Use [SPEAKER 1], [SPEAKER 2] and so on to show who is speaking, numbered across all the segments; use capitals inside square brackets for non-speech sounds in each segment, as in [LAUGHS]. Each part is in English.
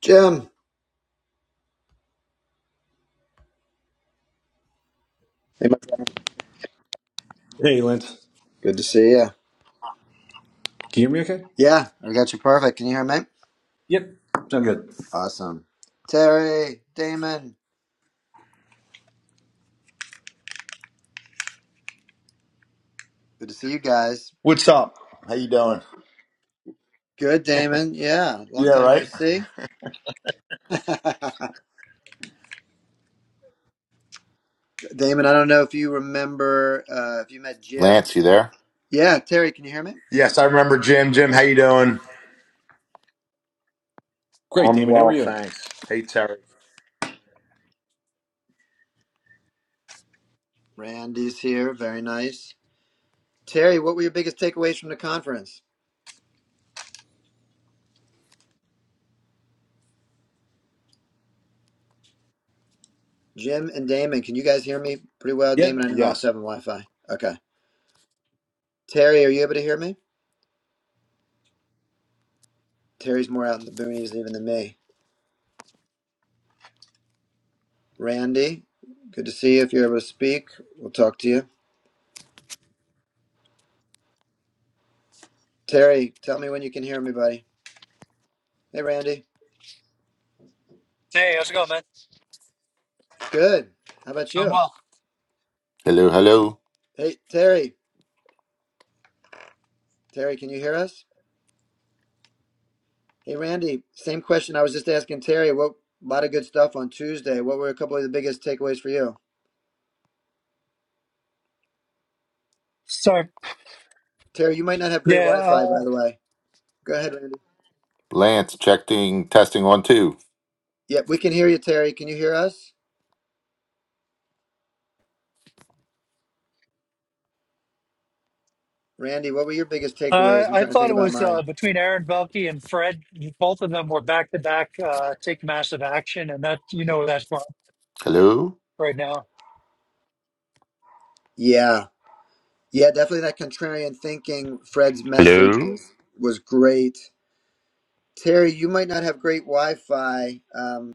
[SPEAKER 1] Jim. Hey, my friend.
[SPEAKER 2] Hey, Lance.
[SPEAKER 1] Good to see you.
[SPEAKER 2] Can you hear me okay?
[SPEAKER 1] Yeah, I got you perfect. Can you hear me?
[SPEAKER 2] Yep. Sound good.
[SPEAKER 1] Awesome. Terry, Damon. Good to see you guys.
[SPEAKER 3] What's up? How you doing?
[SPEAKER 1] Good, Damon. Yeah, long
[SPEAKER 3] Yeah,
[SPEAKER 1] time no
[SPEAKER 3] right.
[SPEAKER 1] see. [LAUGHS] Damon, I don't know if you remember uh, if you met Jim.
[SPEAKER 4] Lance, you
[SPEAKER 1] And
[SPEAKER 4] there?
[SPEAKER 1] yeah, Terry, can you hear me?
[SPEAKER 3] Yes, I remember Jim. Jim, how you doing?
[SPEAKER 2] Great,
[SPEAKER 3] I'm
[SPEAKER 2] Damon. How are
[SPEAKER 3] well,
[SPEAKER 2] you?
[SPEAKER 3] thanks. Hey, Terry.
[SPEAKER 1] Randy's here. Very nice. Terry, what were your biggest takeaways from the conference? Jim and Damon, can you guys hear me pretty well? Damon,
[SPEAKER 2] Yep.
[SPEAKER 1] I know I was
[SPEAKER 3] Yes,
[SPEAKER 1] having Wi-Fi. Okay. Terry, are you able to hear me? Terry's more out in the boonies even than me. Randy, good to see you. If you're able to speak, we'll talk to you. Terry, tell me when you can hear me, buddy. Hey, Randy.
[SPEAKER 5] Hey, how's it going, man?
[SPEAKER 1] Good. How about
[SPEAKER 5] Doing
[SPEAKER 1] you?
[SPEAKER 5] well.
[SPEAKER 4] Hello, hello.
[SPEAKER 1] Hey, Terry. Terry, can you hear us? Hey, Randy. Same question I was just asking Terry. What a lot of good stuff on Tuesday. What were a couple of the biggest takeaways for you?
[SPEAKER 5] Sorry.
[SPEAKER 1] Terry, you might not have great
[SPEAKER 5] Yeah,
[SPEAKER 1] Wi-Fi, by the way. Go ahead, Randy.
[SPEAKER 4] Lance, checking, testing one, two.
[SPEAKER 1] Yep, we can hear you, Terry. Can you hear us? Randy, what were your biggest
[SPEAKER 5] uh,
[SPEAKER 1] takeaways? I'm
[SPEAKER 5] I, I
[SPEAKER 1] trying to
[SPEAKER 5] thought
[SPEAKER 1] think
[SPEAKER 5] it
[SPEAKER 1] about
[SPEAKER 5] was
[SPEAKER 1] mine.
[SPEAKER 5] uh, between Aaron Belke and Fred. Both of them were back to back uh take massive action, and that you know where that's from
[SPEAKER 4] Hello?
[SPEAKER 5] right now.
[SPEAKER 1] Yeah. Yeah, definitely that contrarian thinking. Fred's message
[SPEAKER 4] Hello?
[SPEAKER 1] was was great. Terry, you might not have great Wi-Fi. Um,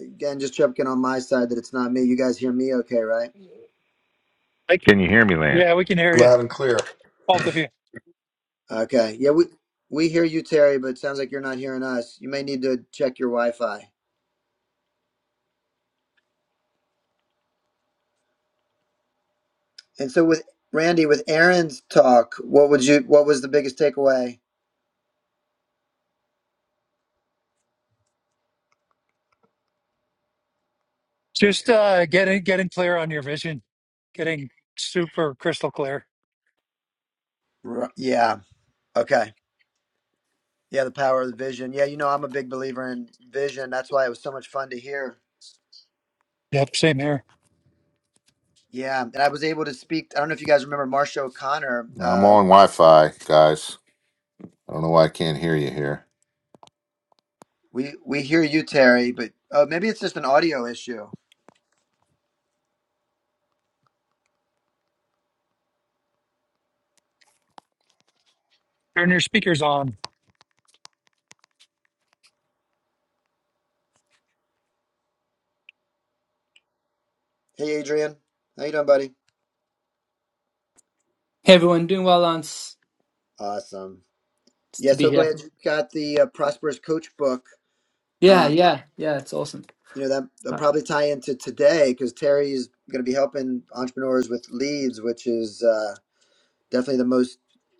[SPEAKER 1] again, just checking on my side that it's not me. You guys hear me okay, right?
[SPEAKER 5] I could,
[SPEAKER 4] Can you hear me, Lance?
[SPEAKER 5] yeah, we can hear you,
[SPEAKER 3] Loud and clear.
[SPEAKER 5] both of you.
[SPEAKER 1] Okay. Yeah, we we hear you, Terry, but it sounds like you're not hearing us. You may need to check your Wi-Fi. And so with Randy, with Aaron's talk, what would you what was the biggest takeaway?
[SPEAKER 5] Just uh, getting getting clear on your vision, getting super crystal clear.
[SPEAKER 1] Ru- Yeah. Okay. Yeah, the power of the vision. Yeah, you know, I'm a big believer in vision. That's why it was so much fun to hear.
[SPEAKER 5] Yep, same here.
[SPEAKER 1] Yeah, and I was able to speak. I don't know if you guys remember Marsha O'Connor.
[SPEAKER 4] I'm
[SPEAKER 1] Uh,
[SPEAKER 4] on Wi Fi, guys. I don't know why I can't hear you here.
[SPEAKER 1] We we hear you, Terry, but uh, maybe it's just an audio issue.
[SPEAKER 5] Turn your speakers on.
[SPEAKER 1] Hey, Adrian, how you doing, buddy?
[SPEAKER 6] Hey everyone, doing well, Lance.
[SPEAKER 1] Awesome.
[SPEAKER 6] It's
[SPEAKER 1] Yeah,
[SPEAKER 6] to be
[SPEAKER 1] so
[SPEAKER 6] here.
[SPEAKER 1] glad you got the uh, Prosperous Coach book.
[SPEAKER 6] Yeah,
[SPEAKER 1] Um,
[SPEAKER 6] yeah, yeah. It's awesome.
[SPEAKER 1] you know that will
[SPEAKER 6] Right.
[SPEAKER 1] probably tie into today because Terry is going to be helping entrepreneurs with leads, which is uh, definitely the most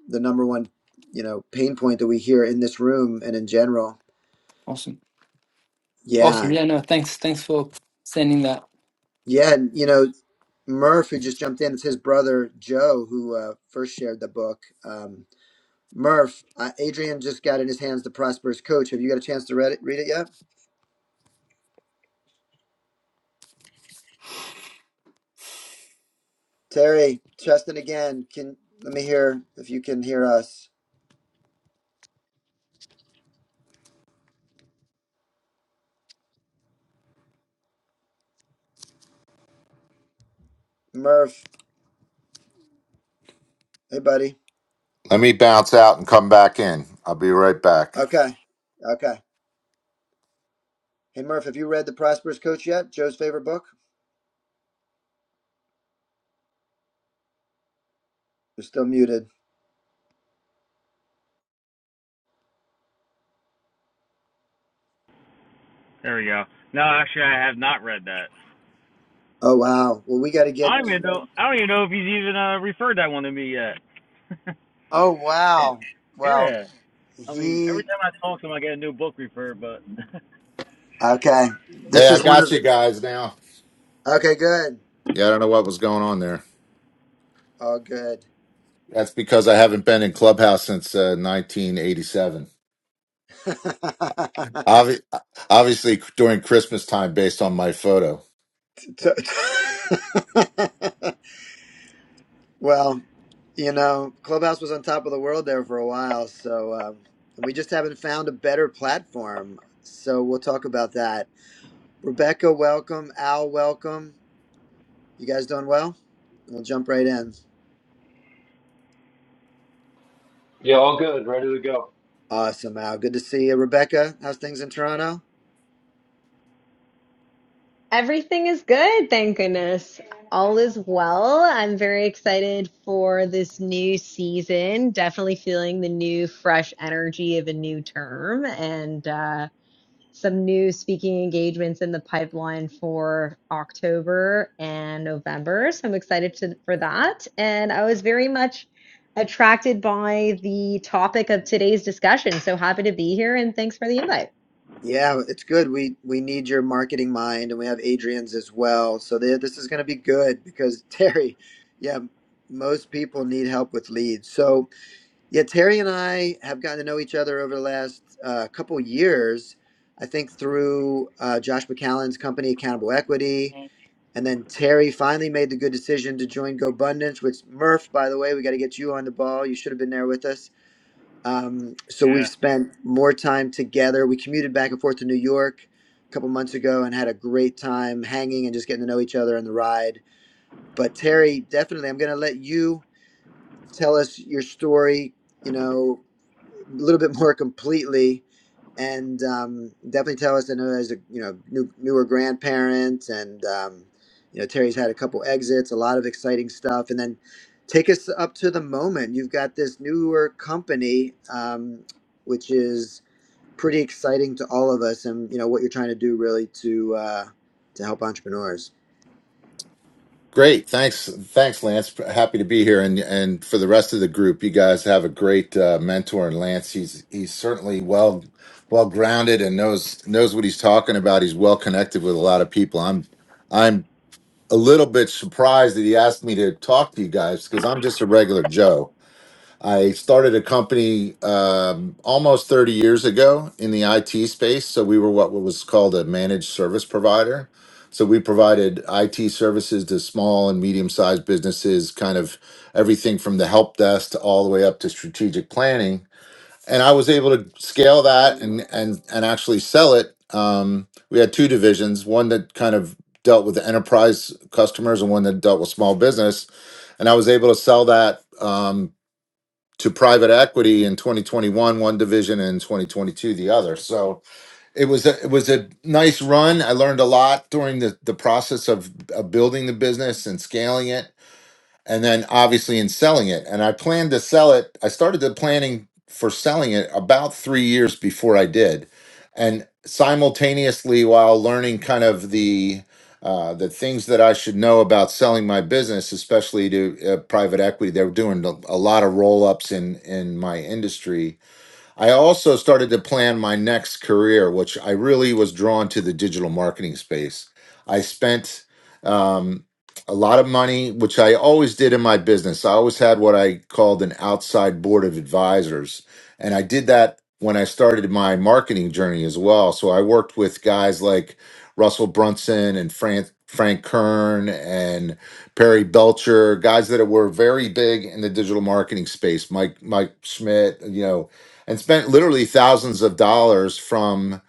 [SPEAKER 1] the number one you know pain point that we hear in this room and in general.
[SPEAKER 6] Awesome, awesome.
[SPEAKER 1] Yeah,
[SPEAKER 6] Yeah, no, thanks, thanks for sending that.
[SPEAKER 1] yeah, and you know Murph, who just jumped in, it's his brother Joe who uh, first shared the book. Um, Murph, uh, Adrian just got in his hands the Prosperous Coach. Have you got a chance to read it, read it yet? Terry, Cheston again. Can let me hear if you can hear us. Murph, hey buddy.
[SPEAKER 4] Let me bounce out and come back in. I'll be right back.
[SPEAKER 1] Okay, okay. Hey Murph, have you read the Prosperous Coach yet? Joe's favorite book. You're still muted.
[SPEAKER 7] There we go. No, actually, I have not read that.
[SPEAKER 1] Oh wow. Well, we got to get.
[SPEAKER 7] I don't even
[SPEAKER 1] to-
[SPEAKER 7] know. I don't even know if he's even uh, referred that one to me yet.
[SPEAKER 1] Oh wow. Well,
[SPEAKER 7] Yeah. I mean, every
[SPEAKER 1] he.
[SPEAKER 7] time I talk to him, I get a new book referred, but [LAUGHS]
[SPEAKER 1] Okay. This
[SPEAKER 4] Hey, I
[SPEAKER 1] is one of
[SPEAKER 4] got you
[SPEAKER 1] his.
[SPEAKER 4] guys now.
[SPEAKER 1] Okay, good.
[SPEAKER 4] Yeah, I don't know what was going on there.
[SPEAKER 1] Oh, good.
[SPEAKER 4] That's because I haven't been in Clubhouse since uh, 1987.
[SPEAKER 1] [LAUGHS]
[SPEAKER 4] Obvi- obviously, during Christmas time, based on my photo.
[SPEAKER 1] T- t- [LAUGHS] Well, you know, Clubhouse was on top of the world there for a while, so um, we just haven't found a better platform. So we'll talk about that. Rebecca, welcome. Al, welcome. You guys doing well? We'll jump right in.
[SPEAKER 8] Yeah, all good, ready to go.
[SPEAKER 1] Awesome, Al. Good to see you, Rebecca. How's things in Toronto?
[SPEAKER 9] Everything is good, thank goodness. All is well. I'm very excited for this new season. Definitely feeling the new, fresh energy of a new term and uh, some new speaking engagements in the pipeline for October and November. So I'm excited to, for that. And I was very much attracted by the topic of today's discussion. So happy to be here and thanks for the invite.
[SPEAKER 1] Yeah, it's good. We we need your marketing mind, and we have Adrian's as well. So they, this is going to be good because [LAUGHS] Terry, yeah, most people need help with leads. So Yeah, Terry and I have gotten to know each other over the last uh, couple years. I think through uh, Josh McCallan's company, Accountable Equity, and then Terry finally made the good decision to join GoBundance. Which Murph, by the way, we got to get you on the ball. You should have been there with us. Um, so
[SPEAKER 7] yeah.
[SPEAKER 1] we've spent more time together. We commuted back and forth to New York a couple months ago and had a great time hanging and just getting to know each other on the ride. But Terry, definitely, I'm going to let you tell us your story you know, a little bit more completely and um, definitely tell us. I know as a you know new, newer grandparent, and um, you know Terry's had a couple exits, a lot of exciting stuff, and then take us up to the moment. You've got this newer company, um, which is pretty exciting to all of us, and you know what you're trying to do really to uh, to help entrepreneurs.
[SPEAKER 4] Great. Thanks. Thanks, Lance. Happy to be here. And and for the rest of the group, you guys have a great uh, mentor in Lance. He's he's certainly well well grounded and knows knows what he's talking about. He's well connected with a lot of people. I'm I'm a little bit surprised that he asked me to talk to you guys because I'm just a regular Joe. I started a company um, almost 30 years ago in the IT space. So we were what was called a managed service provider. So we provided IT services to small and medium sized businesses, kind of everything from the help desk to all the way up to strategic planning. And I was able to scale that and and and actually sell it. Um, we had two divisions, one that kind of dealt with enterprise customers and one that dealt with small business and I was able to sell that. Um, to private equity in 2021 one division and in 2022 the other so it was a, it was a nice run i learned a lot during the, the process of, of building the business and scaling it and then obviously in selling it. And I planned to sell it. I started the planning for selling it about three years before I did, and simultaneously while learning kind of the uh, the things that I should know about selling my business, especially to uh, private equity. They were doing a a lot of roll ups in in my industry I also started to plan my next career, which I really was drawn to the digital marketing space. I spent um, a lot of money, which I always did in my business. I always had what I called an outside board of advisors. And I did that when I started my marketing journey as well. So I worked with guys like Russell Brunson and Frank, Frank Kern and Perry Belcher, guys that were very big in the digital marketing space, Mike, Mike Schmidt, you know, and spent literally thousands of dollars from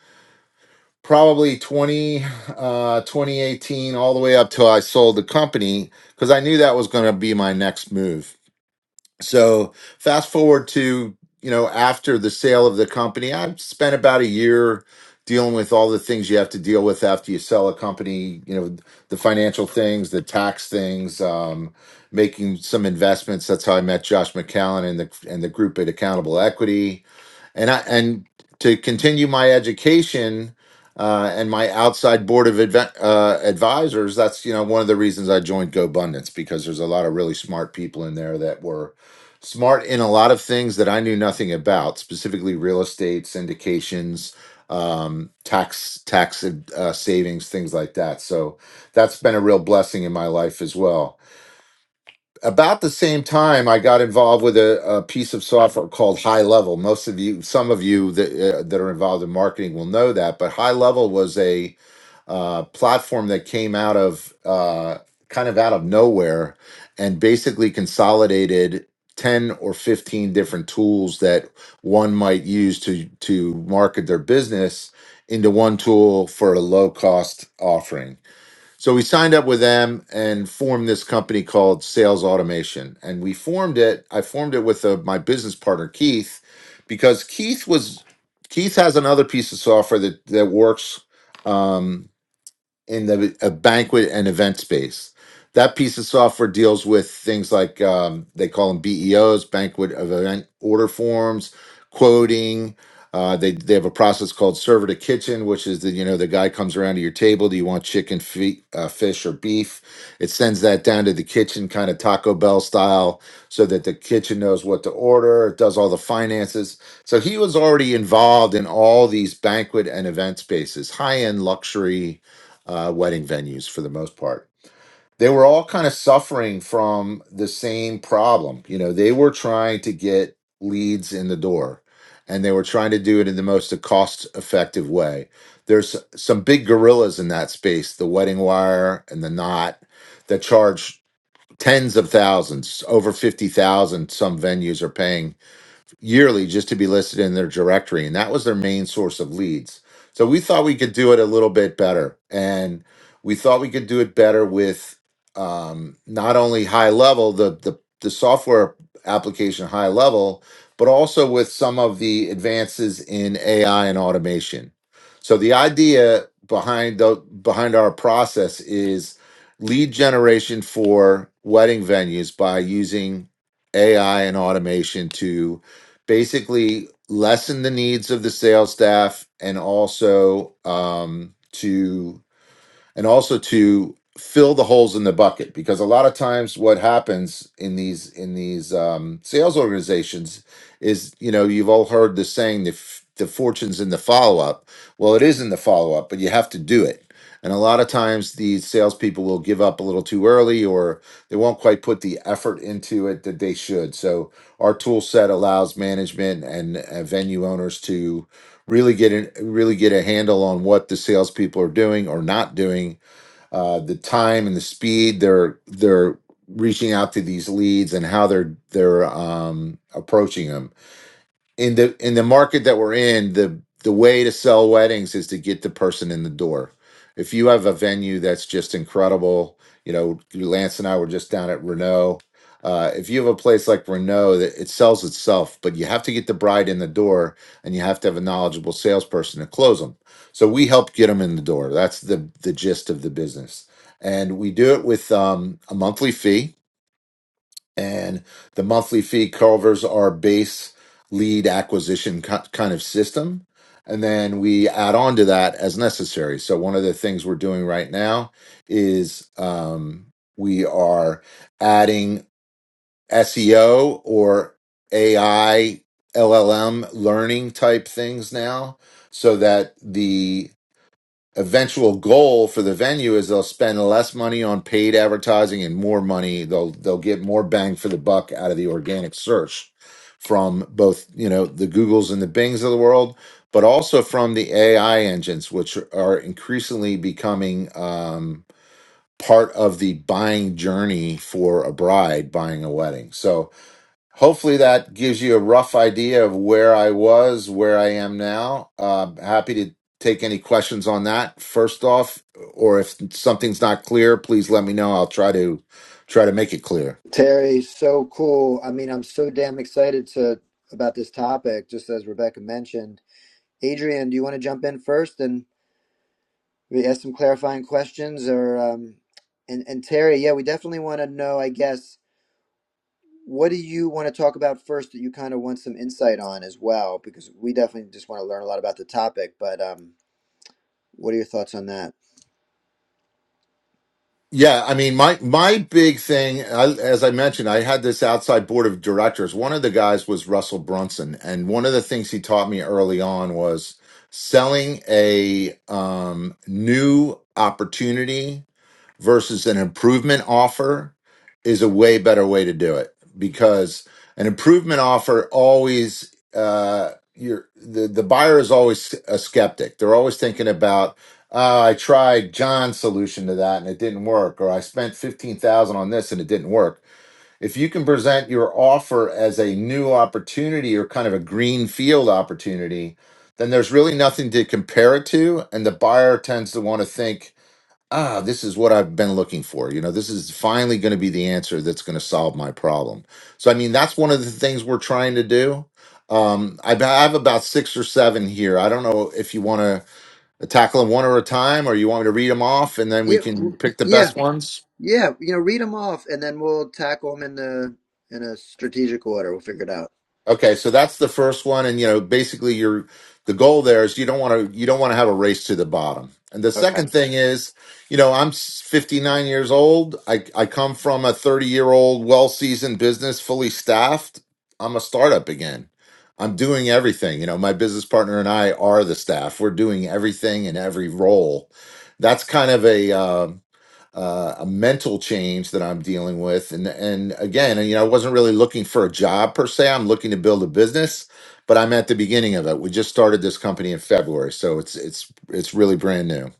[SPEAKER 4] probably 20 uh 2018 all the way up till I sold the company because I knew that was going to be my next move so fast forward to you know after the sale of the company i've spent about a year dealing with all the things you have to deal with after you sell a company you know the financial things the tax things um, making some investments that's how i met josh mccallan and the and the group at accountable equity and i and to continue my education uh, and my outside board of adve- uh, advisors that's you know one of the reasons i joined gobundance because there's a lot of really smart people in there that were smart in a lot of things that I knew nothing about, specifically real estate, syndications, um, tax tax uh, savings, things like that. So that's been a real blessing in my life as well. About the same time, I got involved with a, a piece of software called High Level. Most of you, some of you that uh, that are involved in marketing will know that, but High Level was a uh, platform that came out of uh, kind of out of nowhere and basically consolidated 10 or 15 different tools that one might use to to market their business into one tool for a low cost offering. So we signed up with them and formed this company called Sales Automation. And we formed it, I formed it with uh my business partner Keith because Keith was Keith has another piece of software that that works um, in the a banquet and event space. That piece of software deals with things like um, they call them BEOs, banquet of event order forms, quoting. Uh, they they have a process called server to kitchen, which is the you know the guy comes around to your table. Do you want chicken, fi- uh, fish, or beef? It sends that down to the kitchen, kind of Taco Bell style, so that the kitchen knows what to order. It does all the finances. So he was already involved in all these banquet and event spaces, high end luxury uh, wedding venues for the most part. They were all kind of suffering from the same problem. You know, they were trying to get leads in the door and they were trying to do it in the most cost effective way. There's some big gorillas in that space, the wedding wire and the knot that charge tens of thousands, over 50,000 some venues are paying yearly just to be listed in their directory. And that was their main source of leads. So we thought we could do it a little bit better. And we thought we could do it better with um, not only high level, the, the, the software application high level, but also with some of the advances in AI and automation. So the idea behind the behind our process is lead generation for wedding venues by using AI and automation to basically lessen the needs of the sales staff and also um, to and also to fill the holes in the bucket because a lot of times what happens in these in these um, sales organizations is you know you've all heard the saying the f- the fortune's in the follow up well it is in the follow up but you have to do it and a lot of times these salespeople will give up a little too early or they won't quite put the effort into it that they should so our tool set allows management and uh, venue owners to really get in, really get a handle on what the salespeople are doing or not doing uh, the time and the speed they're they're reaching out to these leads and how they're they're um, approaching them in the in the market that we're in, the the way to sell weddings is to get the person in the door. If you have a venue that's just incredible, you know, Lance and I were just down at Renault. Uh, if you have a place like Renault that it sells itself, but you have to get the bride in the door and you have to have a knowledgeable salesperson to close them. So we help get them in the door. That's the the gist of the business. And we do it with um, a monthly fee and the monthly fee covers our base lead acquisition ki- kind of system. And then we add on to that as necessary. So, one of the things we're doing right now is um, we are adding SEO or AI, LLM learning type things now so that the eventual goal for the venue is they'll spend less money on paid advertising and more money they'll they'll get more bang for the buck out of the organic search from both you know the googles and the bings of the world but also from the ai engines which are increasingly becoming um, part of the buying journey for a bride buying a wedding so hopefully that gives you a rough idea of where I was, where I am now. Uh, happy to take any questions on that first off, or if something's not clear, please let me know. I'll try to try to make it clear.
[SPEAKER 1] Terry, so cool. I mean, I'm so damn excited to about this topic. Just as Rebecca mentioned Adrian, do you want to jump in first and we ask some clarifying questions, or um, and and Terry? Yeah, we definitely want to know. I guess what do you want to talk about first that you kind of want some insight on as well, because we definitely just want to learn a lot about the topic. But um, what are your thoughts on that?
[SPEAKER 4] Yeah, I mean, my my big thing, I, as I mentioned, I had this outside board of directors. One of the guys was Russell Brunson, and one of the things he taught me early on was selling a um, new opportunity versus an improvement offer is a way better way to do it because an improvement offer always uh you're the, the buyer is always a skeptic they're always thinking about uh, i tried john's solution to that and it didn't work or i spent 15000 on this and it didn't work if you can present your offer as a new opportunity or kind of a green field opportunity then there's really nothing to compare it to and the buyer tends to want to think ah, this is what I've been looking for. You know, this is finally going to be the answer that's going to solve my problem. So, I mean, that's one of the things we're trying to do. Um, I b- I have about six or seven here. I don't know if you want to tackle them one at a time or you want me to read them off and then we
[SPEAKER 1] Yeah,
[SPEAKER 4] can
[SPEAKER 1] w-
[SPEAKER 4] pick the
[SPEAKER 1] yeah,
[SPEAKER 4] best ones.
[SPEAKER 1] yeah. You know, read them off, and then we'll tackle them in the in a strategic order. We'll figure it out.
[SPEAKER 4] Okay, so that's the first one, and you know, basically, your the goal there is you don't want to you don't want to have a race to the bottom. And the
[SPEAKER 1] Okay.
[SPEAKER 4] second thing is, you know, I'm 59 years old. I I come from a 30 year old well seasoned business, fully staffed. I'm a startup again. I'm doing everything. You know, my business partner and I are the staff. We're doing everything in every role. That's kind of a um uh, a mental change that I'm dealing with. And and again, you know, I wasn't really looking for a job per se. I'm looking to build a business, but I'm at the beginning of it. We just started this company in February, so it's it's it's really brand new.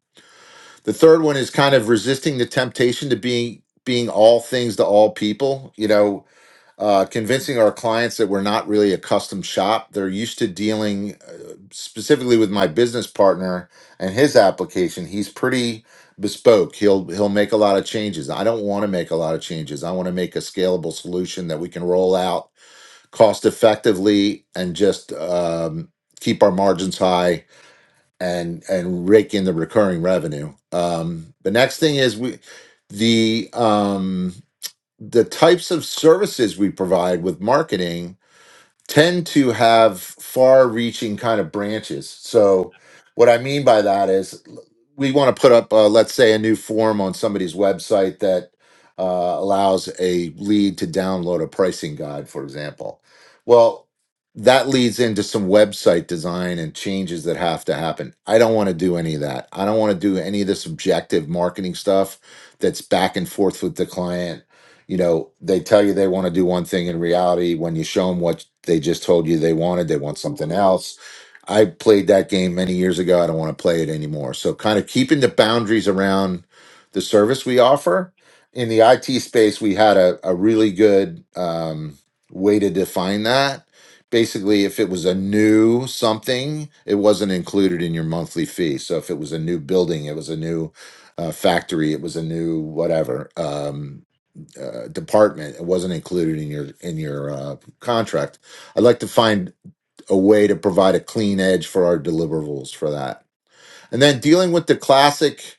[SPEAKER 4] The third one is kind of resisting the temptation to being being all things to all people. You know, uh, convincing our clients that we're not really a custom shop. They're used to dealing uh, specifically with my business partner and his application. He's pretty bespoke. He'll he'll make a lot of changes. I don't want to make a lot of changes. I want to make a scalable solution that we can roll out cost effectively and just um, keep our margins high and and rake in the recurring revenue. Um, the next thing is we the um, the types of services we provide with marketing tend to have far reaching kind of branches. So, what I mean by that is we want to put up, uh, let's say, a new form on somebody's website that uh, allows a lead to download a pricing guide, for example. Well, that leads into some website design and changes that have to happen. I don't want to do any of that. I don't want to do any of this objective marketing stuff that's back and forth with the client you know they tell you they want to do one thing in reality when you show them what they just told you they wanted they want something else i played that game many years ago i don't want to play it anymore so kind of keeping the boundaries around the service we offer in the it space we had a, a really good um, way to define that basically if it was a new something it wasn't included in your monthly fee so if it was a new building it was a new uh, factory it was a new whatever um, uh, department. It wasn't included in your in your uh, contract. I'd like to find a way to provide a clean edge for our deliverables for that and then dealing with the classic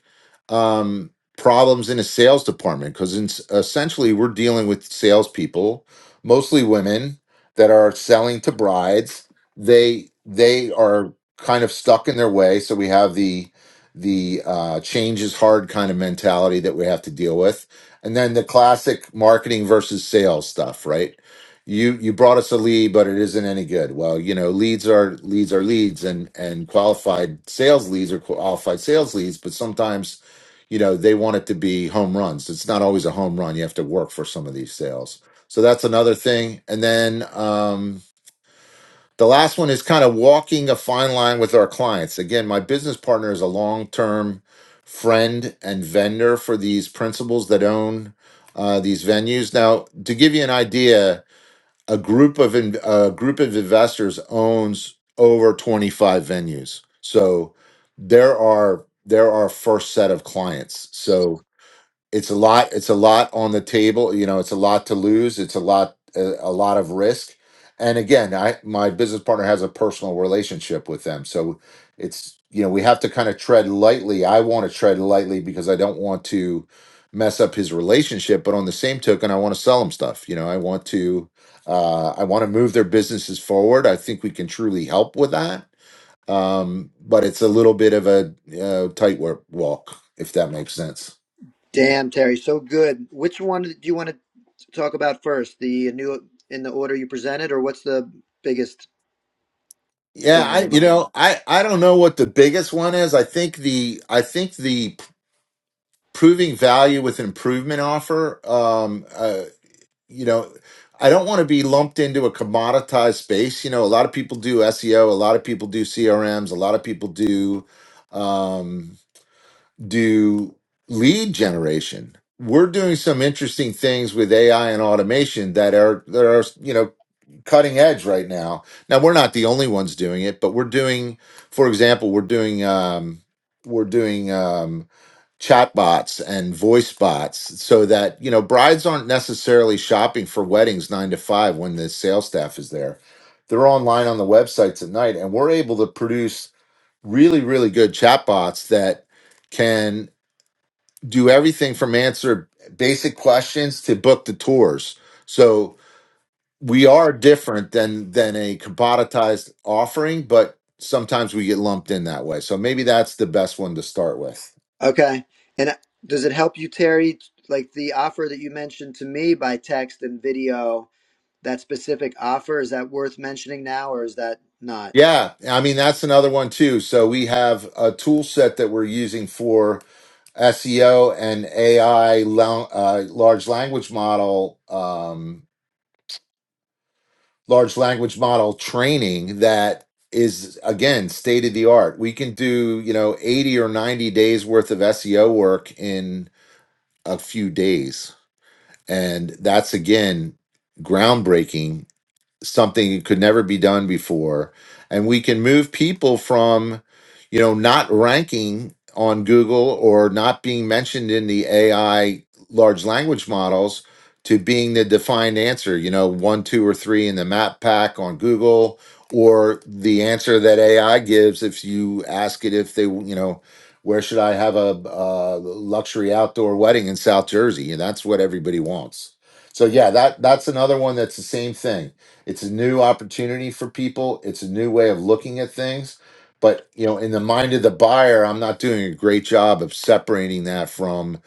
[SPEAKER 4] um, problems in a sales department because essentially we're dealing with salespeople, mostly women that are selling to brides. They they are kind of stuck in their way, so we have the the uh, change is hard kind of mentality that we have to deal with, and then the classic marketing versus sales stuff, right? you you brought us a lead but it isn't any good well you know leads are leads are leads and and qualified sales leads are qualified sales leads but sometimes you know they want it to be home runs it's not always a home run you have to work for some of these sales so that's another thing and then um the last one is kind of walking a fine line with our clients again my business partner is a long-term friend and vendor for these principals that own uh, these venues now to give you an idea a group of in, a group of investors owns over 25 venues so there are there are first set of clients so it's a lot it's a lot on the table you know it's a lot to lose it's a lot a, a lot of risk and again i my business partner has a personal relationship with them so it's you know we have to kind of tread lightly i want to tread lightly because i don't want to mess up his relationship but on the same token i want to sell him stuff you know i want to uh, i want to move their businesses forward i think we can truly help with that um, but it's a little bit of a uh, tightrope walk if that makes sense
[SPEAKER 1] Damn, Terry, so good. Which one do you want to talk about first? The new in the order you presented, or what's the biggest
[SPEAKER 4] Yeah,
[SPEAKER 1] thing on
[SPEAKER 4] I
[SPEAKER 1] your
[SPEAKER 4] you
[SPEAKER 1] mind?
[SPEAKER 4] know, I I don't know what the biggest one is. I think the I think the proving value with an improvement offer um uh you know, I don't want to be lumped into a commoditized space. You know, a lot of people do SEO, a lot of people do CRMs, a lot of people do um do lead generation. We're doing some interesting things with AI and automation that are that are you know cutting edge right now. Now we're not the only ones doing it, but we're doing, for example, we're doing um, we're doing um, chat bots and voice bots so that you know brides aren't necessarily shopping for weddings nine to five when the sales staff is there. They're online on the websites at night, and we're able to produce really really good chatbots that can do everything from answer basic questions to book the tours so we are different than than a commoditized offering but sometimes we get lumped in that way so maybe that's the best one to start with
[SPEAKER 1] Okay. And uh, does it help you, Terry? Like the offer that you mentioned to me by text and video, that specific offer, is that worth mentioning now, or is that not?
[SPEAKER 4] yeah i mean that's another one too so we have a tool set that we're using for seo and ai lo- uh, large language model um, large language model training that is again state of the art. We can do, you know, 80 or 90 days worth of SEO work in a few days. And that's again groundbreaking something that could never be done before and we can move people from you know not ranking on google or not being mentioned in the ai large language models to being the defined answer you know one two or three in the map pack on google or the answer that ai gives if you ask it if they you know where should i have a, uh luxury outdoor wedding in south jersey and that's what everybody wants so yeah that that's another one that's the same thing it's a new opportunity for people. It's a new way of looking at things. But you know, in the mind of the buyer, I'm not doing a great job of separating that from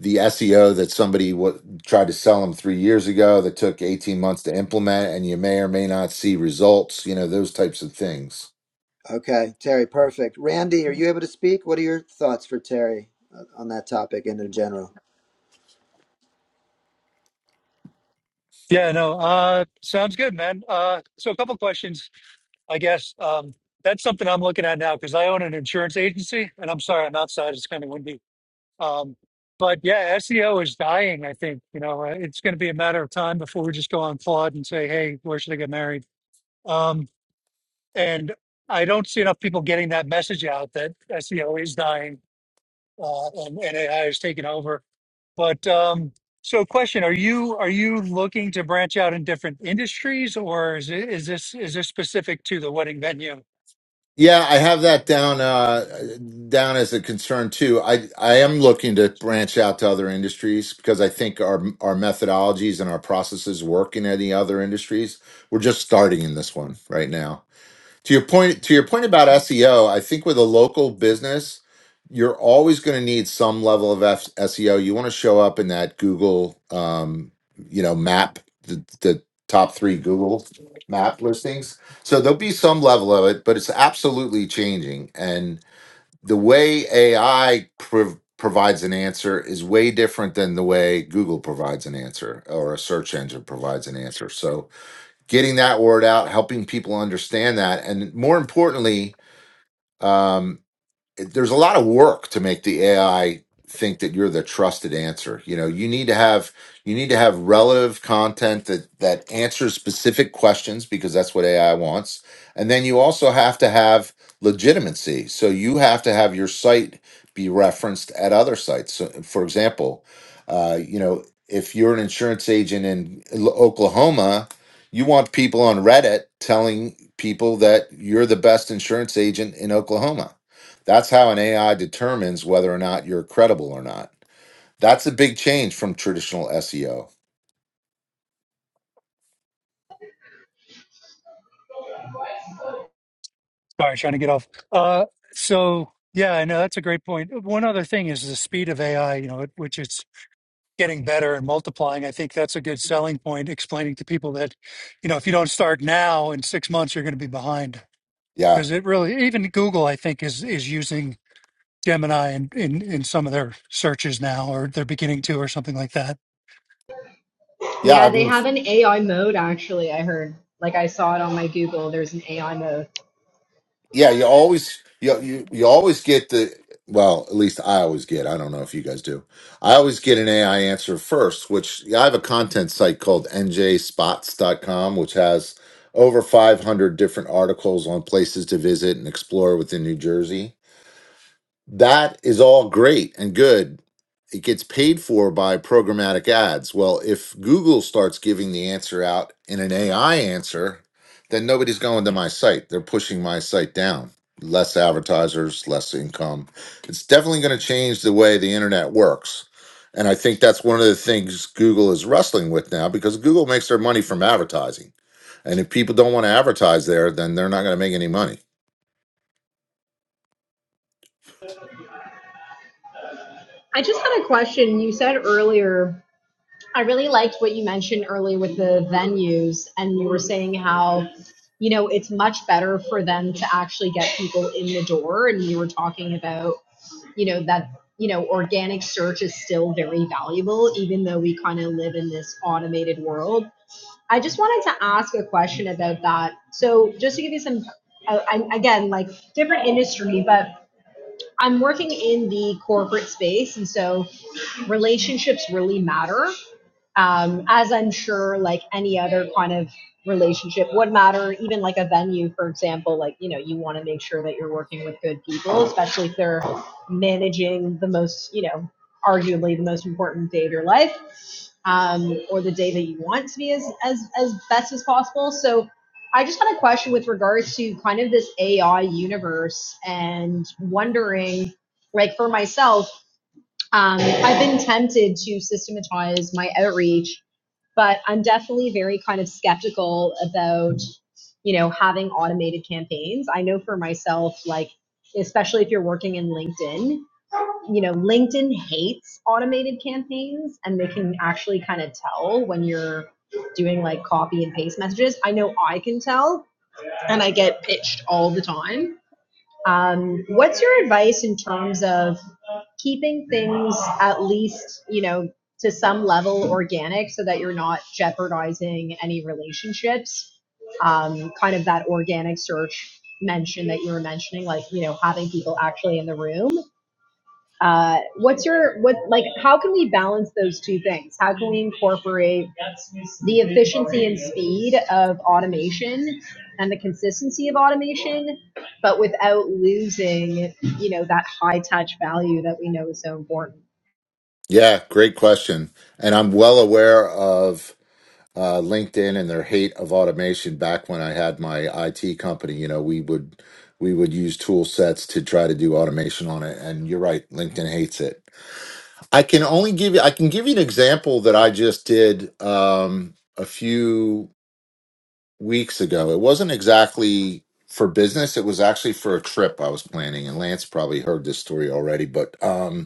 [SPEAKER 4] the SEO that somebody wa tried to sell them three years ago that took 18 months to implement, and you may or may not see results. You know, those types of things.
[SPEAKER 1] Okay, Terry, perfect. Randy, are you able to speak? What are your thoughts for Terry uh, on that topic and in general?
[SPEAKER 5] Yeah, no, uh, sounds good, man. Uh, so a couple questions. I guess um, that's something I'm looking at now because I own an insurance agency, and I'm sorry, I'm outside. It's kind of windy. Um, but yeah, SEO is dying. I think you know uh, it's going to be a matter of time before we just go on Claude and say, "Hey, where should I get married?" Um, and I don't see enough people getting that message out that SEO is dying uh, and, and AI is taking over. But um, so, question: Are you are you looking to branch out in different industries, or is it, is this is this specific to the wedding venue?
[SPEAKER 4] Yeah, I have that down uh, down as a concern too. I I am looking to branch out to other industries because I think our our methodologies and our processes work in any other industries. We're just starting in this one right now to your point to your point about SEO, I think with a local business, you're always going to need some level of F- SEO. You want to show up in that Google, um, you know, map the, the top three Google map listings. So there'll be some level of it, but it's absolutely changing. And the way AI prov- provides an answer is way different than the way Google provides an answer or a search engine provides an answer. So getting that word out, helping people understand that, and more importantly, um, it- there's a lot of work to make the AI think that you're the trusted answer. You know, you need to have you need to have relative content that that answers specific questions because that's what AI wants. And then you also have to have legitimacy. So you have to have your site be referenced at other sites. So, for example, uh, you know, if you're an insurance agent in L- Oklahoma, you want people on Reddit telling people that you're the best insurance agent in Oklahoma that's how an AI determines whether or not you're credible or not. That's a big change from traditional SEO.
[SPEAKER 5] Sorry, trying to get off. Uh, so yeah, I know that's a great point. One other thing is the speed of AI, you know, it- which it's getting better and multiplying. I think that's a good selling point, explaining to people that, you know, if you don't start now, in six months you're going to be behind.
[SPEAKER 4] Yeah.
[SPEAKER 5] Because it really, even Google, I think, is is using Gemini in, in in some of their searches now, or they're beginning to, or something like that.
[SPEAKER 4] Yeah,
[SPEAKER 9] Yeah,
[SPEAKER 4] I
[SPEAKER 9] they
[SPEAKER 4] mean
[SPEAKER 9] have an AI mode actually, I heard. Like I saw it on my Google, there's an AI mode.
[SPEAKER 4] yeah, you always you you, you always get the well, at least I always get. I don't know if you guys do. I always get an AI answer first, which yeah, I have a content site called njspots.com which has over 500 different articles on places to visit and explore within New Jersey that is all great and good. It gets paid for by programmatic ads. Well, if Google starts giving the answer out in an AI answer, then nobody's going to my site. They're pushing my site down. Less advertisers, less income. It's definitely going to change the way the internet works. And I think that's one of the things Google is wrestling with now because Google makes their money from advertising. And if people don't want to advertise there, then they're not going to make any money.
[SPEAKER 9] I just had a question. You said earlier, I really liked what you mentioned earlier with the venues, and you were saying how, you know, it's much better for them to actually get people in the door. And you were talking about you know that you know organic search is still very valuable even though we kind of live in this automated world i just wanted to ask a question about that so just to give you some uh, I, again like different industry but i'm working in the corporate space and so relationships really matter um, as I'm sure like any other kind of relationship would matter, even like a venue, for example, like, you know, you want to make sure that you're working with good people, especially if they're managing the most, you know, arguably the most important day of your life um, or the day that you want to be as, as, as best as possible. So I just had a question with regards to kind of this AI universe and wondering, like for myself, um, I've been tempted to systematize my outreach but i'm definitely very kind of skeptical about you know having automated campaigns i know for myself like especially if you're working in linkedin you know linkedin hates automated campaigns and they can actually kind of tell when you're doing like copy and paste messages i know i can tell and i get pitched all the time um, what's your advice in terms of keeping things at least, you know, to some level organic so that you're not jeopardizing any relationships. Um, kind of that organic search mention that you were mentioning, like, you know, having people actually in the room. Uh, what's your, what, like, how can we balance those two things? How can we incorporate the efficiency and speed of automation and the consistency of automation, but without losing, you know, that high touch value that we know is so important?
[SPEAKER 4] Yeah, great question. And I'm well aware of uh, LinkedIn and their hate of automation. Back when I had my IT company, you know, we would we would use tool sets to try to do automation on it. And you're right, LinkedIn hates it. I can only give you I can give you an example that I just did um, a few weeks ago. It wasn't exactly for business. It was actually for a trip I was planning. And Lance probably heard this story already, but. Um,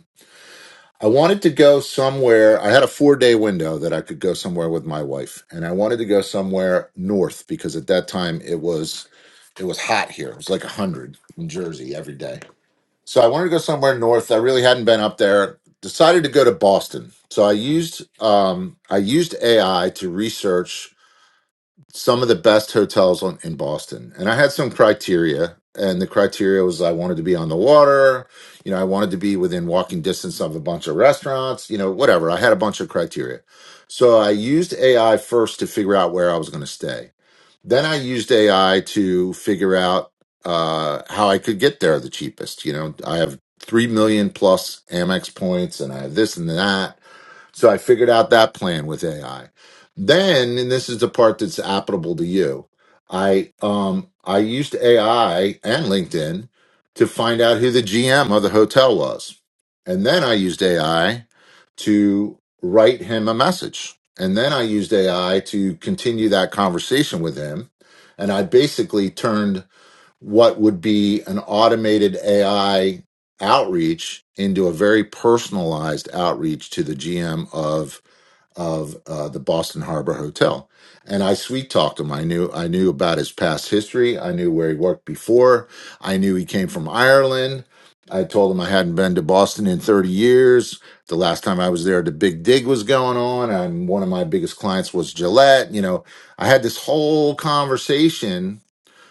[SPEAKER 4] I wanted to go somewhere. I had a four day window that I could go somewhere with my wife, and I wanted to go somewhere north because at that time it was it was hot here. It was like a hundred in Jersey every day. So I wanted to go somewhere north. I really hadn't been up there. Decided to go to Boston. So I used um, I used AI to research some of the best hotels on, in Boston. And I had some criteria, and the criteria was I wanted to be on the water, you know, I wanted to be within walking distance of a bunch of restaurants, you know, whatever. I had a bunch of criteria. So I used AI first to figure out where I was going to stay. Then I used AI to figure out uh, how I could get there the cheapest. You know, I have 3 million plus Amex points and I have this and that so I figured out that plan with AI. Then, and this is the part that's applicable to you, I um I used AI and LinkedIn to find out who the GM of the hotel was. And then I used AI to write him a message. And then I used AI to continue that conversation with him. And I basically turned what would be an automated AI outreach into a very personalized outreach to the GM of of uh, the Boston Harbor Hotel. And I sweet talked him. I knew I knew about his past history. I knew where he worked before. I knew he came from Ireland. I told him I hadn't been to Boston in 30 years. The last time I was there, the big dig was going on, and one of my biggest clients was Gillette. You know, I had this whole conversation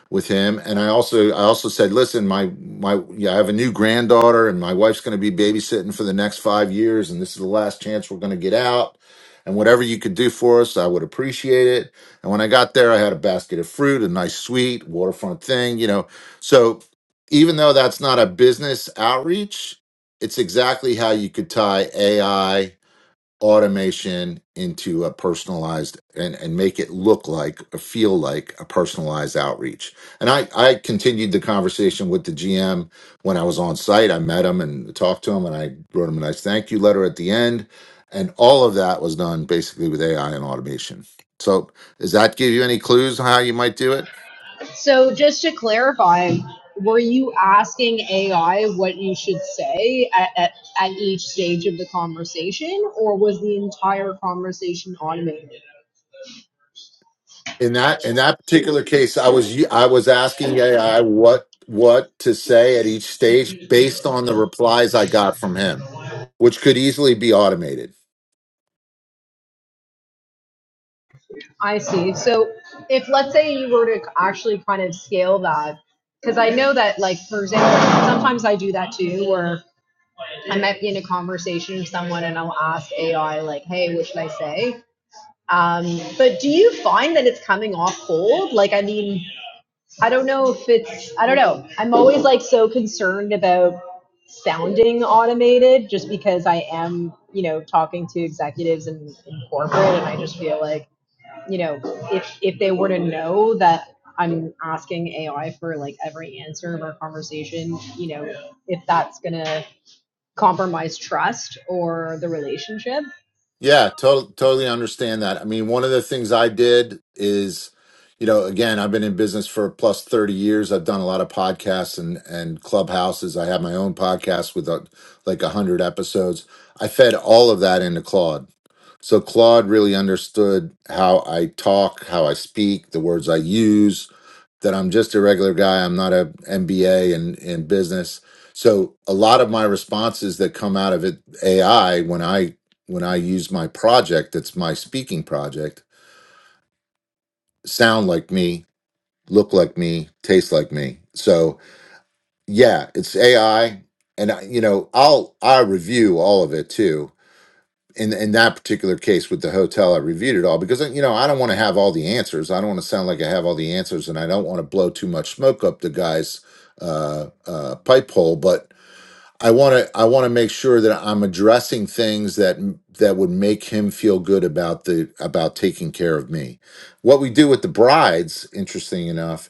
[SPEAKER 4] with him and i also i also said listen my my yeah i have a new granddaughter and my wife's going to be babysitting for the next five years and this is the last chance we're going to get out and whatever you could do for us i would appreciate it and when i got there i had a basket of fruit a nice sweet waterfront thing you know so even though that's not a business outreach it's exactly how you could tie ai automation into a personalized and, and make it look like or feel like a personalized outreach. And I, I continued the conversation with the GM when I was on site. I met him and talked to him and I wrote him a nice thank you letter at the end. And all of that was done basically with AI and automation. So does that give you any clues on how you might do it?
[SPEAKER 9] So just to clarify, were you asking AI what you should say at, at, at each stage of the conversation, or was the entire conversation automated?
[SPEAKER 4] In that in that particular case, I was u- I was asking AI what what to say at each stage based on the replies I got from him. which could easily be automated.
[SPEAKER 9] I see. So if let's say you were to actually kind of scale that, because I know that like for example, sometimes I do that too, where I might be in a conversation with someone and I'll ask AI like, "Hey, what should I say?" Um, but do you find that it's coming off cold? Like, I mean, I don't know if it's I don't know. I'm always like so concerned about sounding automated just because I am, you know, talking to executives in, in corporate and I just feel like, you know, if if they were to know that I'm asking AI for like every answer of our conversation, you know, if that's gonna compromise trust or the relationship.
[SPEAKER 4] Yeah, to- totally understand that. I mean, one of the things I did is, you know, again, I've been in business for plus 30 years. I've done a lot of podcasts and and clubhouses. I have my own podcast with uh, like 100 episodes. I fed all of that into Claude. So Claude really understood how I talk, how I speak, the words I use, that I'm just a regular guy. I'm not a MBA in, in business. So a lot of my responses that come out of it AI when I when I use my project that's my speaking project sound like me, look like me, taste like me. So yeah, it's AI and I- you know, I'll I review all of it too in in that particular case with the hotel, I reviewed it all because you know I don't want to have all the answers. I don't want to sound like I have all the answers, and I don't want to blow too much smoke up the guy's uh, uh, pipe hole. But I want to I want to make sure that I'm addressing things that that would make him feel good about the about taking care of me. What we do with the brides, interesting enough,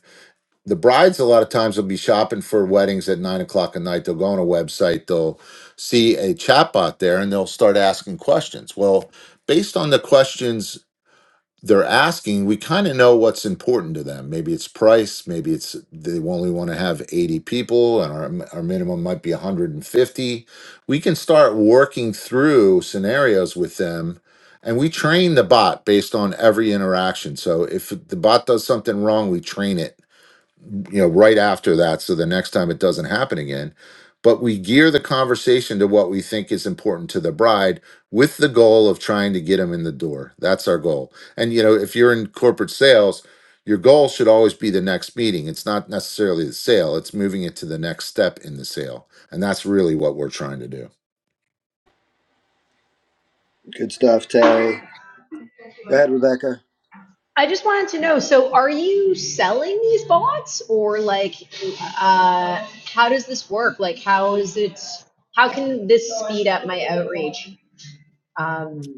[SPEAKER 4] the brides a lot of times will be shopping for weddings at nine o'clock at night. They'll go on a website, they'll see a chatbot there, and they'll start asking questions. Well, based on the questions they're asking, we kind of know what's important to them. Maybe it's price, maybe it's they only want to have 80 people, and our, our minimum might be 150. We can start working through scenarios with them. And we train the bot based on every interaction. So if the bot does something wrong, we train it you know, right after that. So the next time it doesn't happen again. But we gear the conversation to what we think is important to the bride with the goal of trying to get them in the door. That's our goal. And, you know, if you're in corporate sales, your goal should always be the next meeting. It's not necessarily the sale, it's moving it to the next step in the sale. And that's really what we're trying to do.
[SPEAKER 1] Good stuff, Terry. Go ahead, Rebecca.
[SPEAKER 9] I just wanted to know, so are you selling these bots or like uh how does this work? Like how is it how can this speed up my outreach um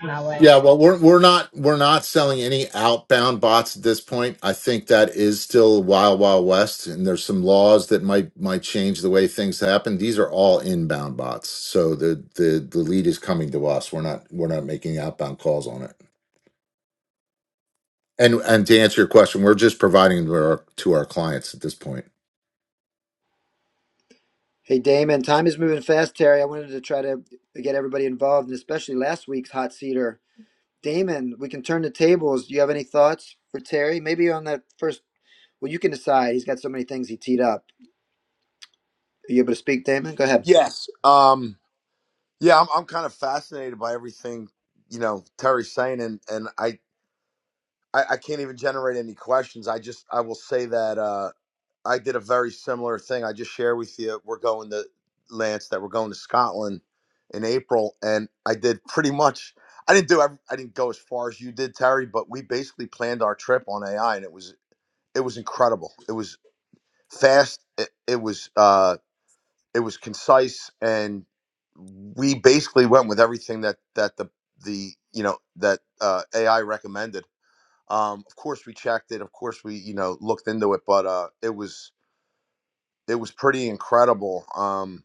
[SPEAKER 9] in that way?
[SPEAKER 4] Yeah, well, we're we're not we're not selling any outbound bots at this point. I think that is still wild wild west, and there's some laws that might might change the way things happen. These are all inbound bots, so the the the lead is coming to us. We're not we're not making outbound calls on it. And and to answer your question, we're just providing to our to our clients at this point.
[SPEAKER 1] Hey, Damon, time is moving fast, Terry. I wanted to try to get everybody involved, and especially last week's hot seater. Damon, we can turn the tables. Do you have any thoughts for Terry? Maybe on that first, well, you can decide. He's got so many things he teed up. Are you able to speak, Damon? Go ahead.
[SPEAKER 3] yes. Um, yeah, I'm, I'm kind of fascinated by everything you know Terry's saying, and and I, I I can't even generate any questions. I just I will say that. Uh, I did a very similar thing. I just share with you. We're going to Lance that we're going to Scotland in April, and I did pretty much. I didn't do. ev- I didn't go as far as you did, Terry, but we basically planned our trip on AI, and it was it was incredible. It was fast. It, it was uh, it was concise, and we basically went with everything that that the the you know that uh, AI recommended. Um, of course, we checked it. Of course, we you know looked into it, but uh, it was it was pretty incredible. Um,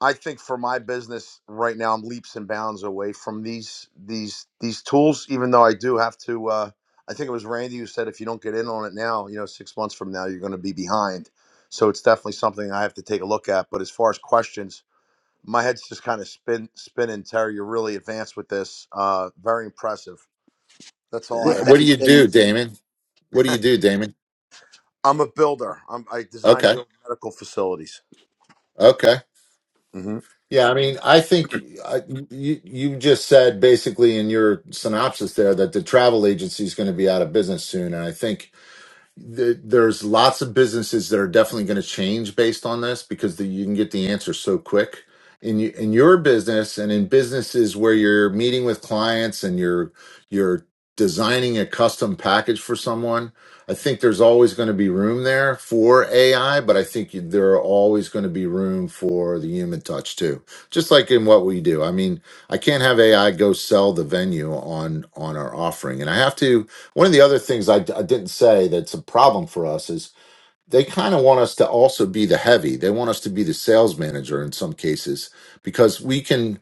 [SPEAKER 3] I think for my business right now, I'm leaps and bounds away from these these these tools. Even though I do have to, uh, I think it was Randy who said if you don't get in on it now, you know, six months from now, you're going to be behind. So it's definitely something I have to take a look at. But as far as questions, my head's just kind of spin spinning. Terry, you're really advanced with this. Uh, very impressive. That's all I
[SPEAKER 1] Th-
[SPEAKER 4] What, what
[SPEAKER 3] have.
[SPEAKER 4] do
[SPEAKER 1] Thanks,
[SPEAKER 4] you
[SPEAKER 1] Damon.
[SPEAKER 4] do, Damon? What do you do, Damon?
[SPEAKER 3] I'm a builder. I'm, I design
[SPEAKER 4] Okay,
[SPEAKER 3] build medical facilities.
[SPEAKER 4] okay.
[SPEAKER 3] hmm
[SPEAKER 4] Yeah, I mean, I think uh, you you just said basically in your synopsis there that the travel agency is going to be out of business soon, and I think th- there's lots of businesses that are definitely going to change based on this because the, you can get the answer so quick in you, in your business and in businesses where you're meeting with clients and you're you're designing a custom package for someone. I think there's always going to be room there for AI, but I think you- there are always going to be room for the human touch too. Just like in what we do. I mean, I can't have AI go sell the venue on on our offering, and I have to one of the other things I, I didn't say that's a problem for us is they kind of want us to also be the heavy. They want us to be the sales manager in some cases because we can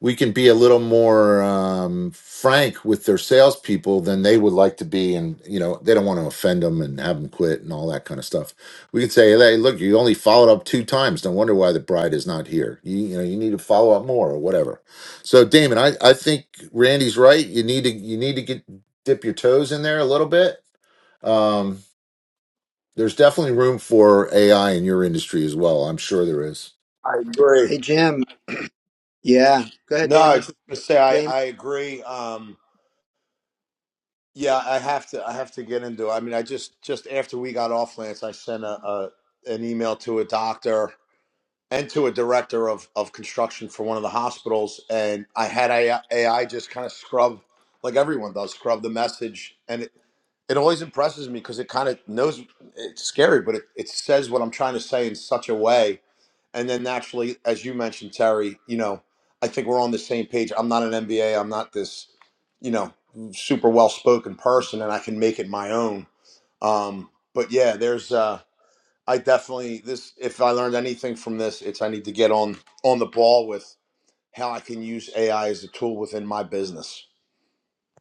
[SPEAKER 4] we can be a little more um, frank with their salespeople than they would like to be, and you know they don't want to offend them and have them quit and all that kind of stuff. We can say, "Hey, look, you only followed up two times. No wonder why the bride is not here. You you know you need to follow up more or whatever." So, Damon, I I think Randy's right. You need to you need to get dip your toes in there a little bit. Um, there's definitely room for AI in your industry as well. I'm sure there is.
[SPEAKER 3] I agree.
[SPEAKER 1] Hey, Jim. Yeah, go ahead,
[SPEAKER 3] No, I was
[SPEAKER 1] Damon.
[SPEAKER 3] just gonna say I,
[SPEAKER 1] Damon.
[SPEAKER 3] I agree. Um, yeah, I have to I have to get into it. I mean, I just just after we got off Lance, I sent a, a an email to a doctor and to a director of, of construction for one of the hospitals, and I had AI, AI just kind of scrub like everyone does, scrub the message, and. it, it always impresses me because it kind of knows it's scary, but it, it says what I'm trying to say in such a way. And then naturally, as you mentioned, Terry, you know, I think we're on the same page. I'm not an MBA. I'm not this, you know, super well spoken person, and I can make it my own. Um, but yeah, there's uh, I definitely this. If I learned anything from this, it's I need to get on on the ball with how I can use AI as a tool within my business.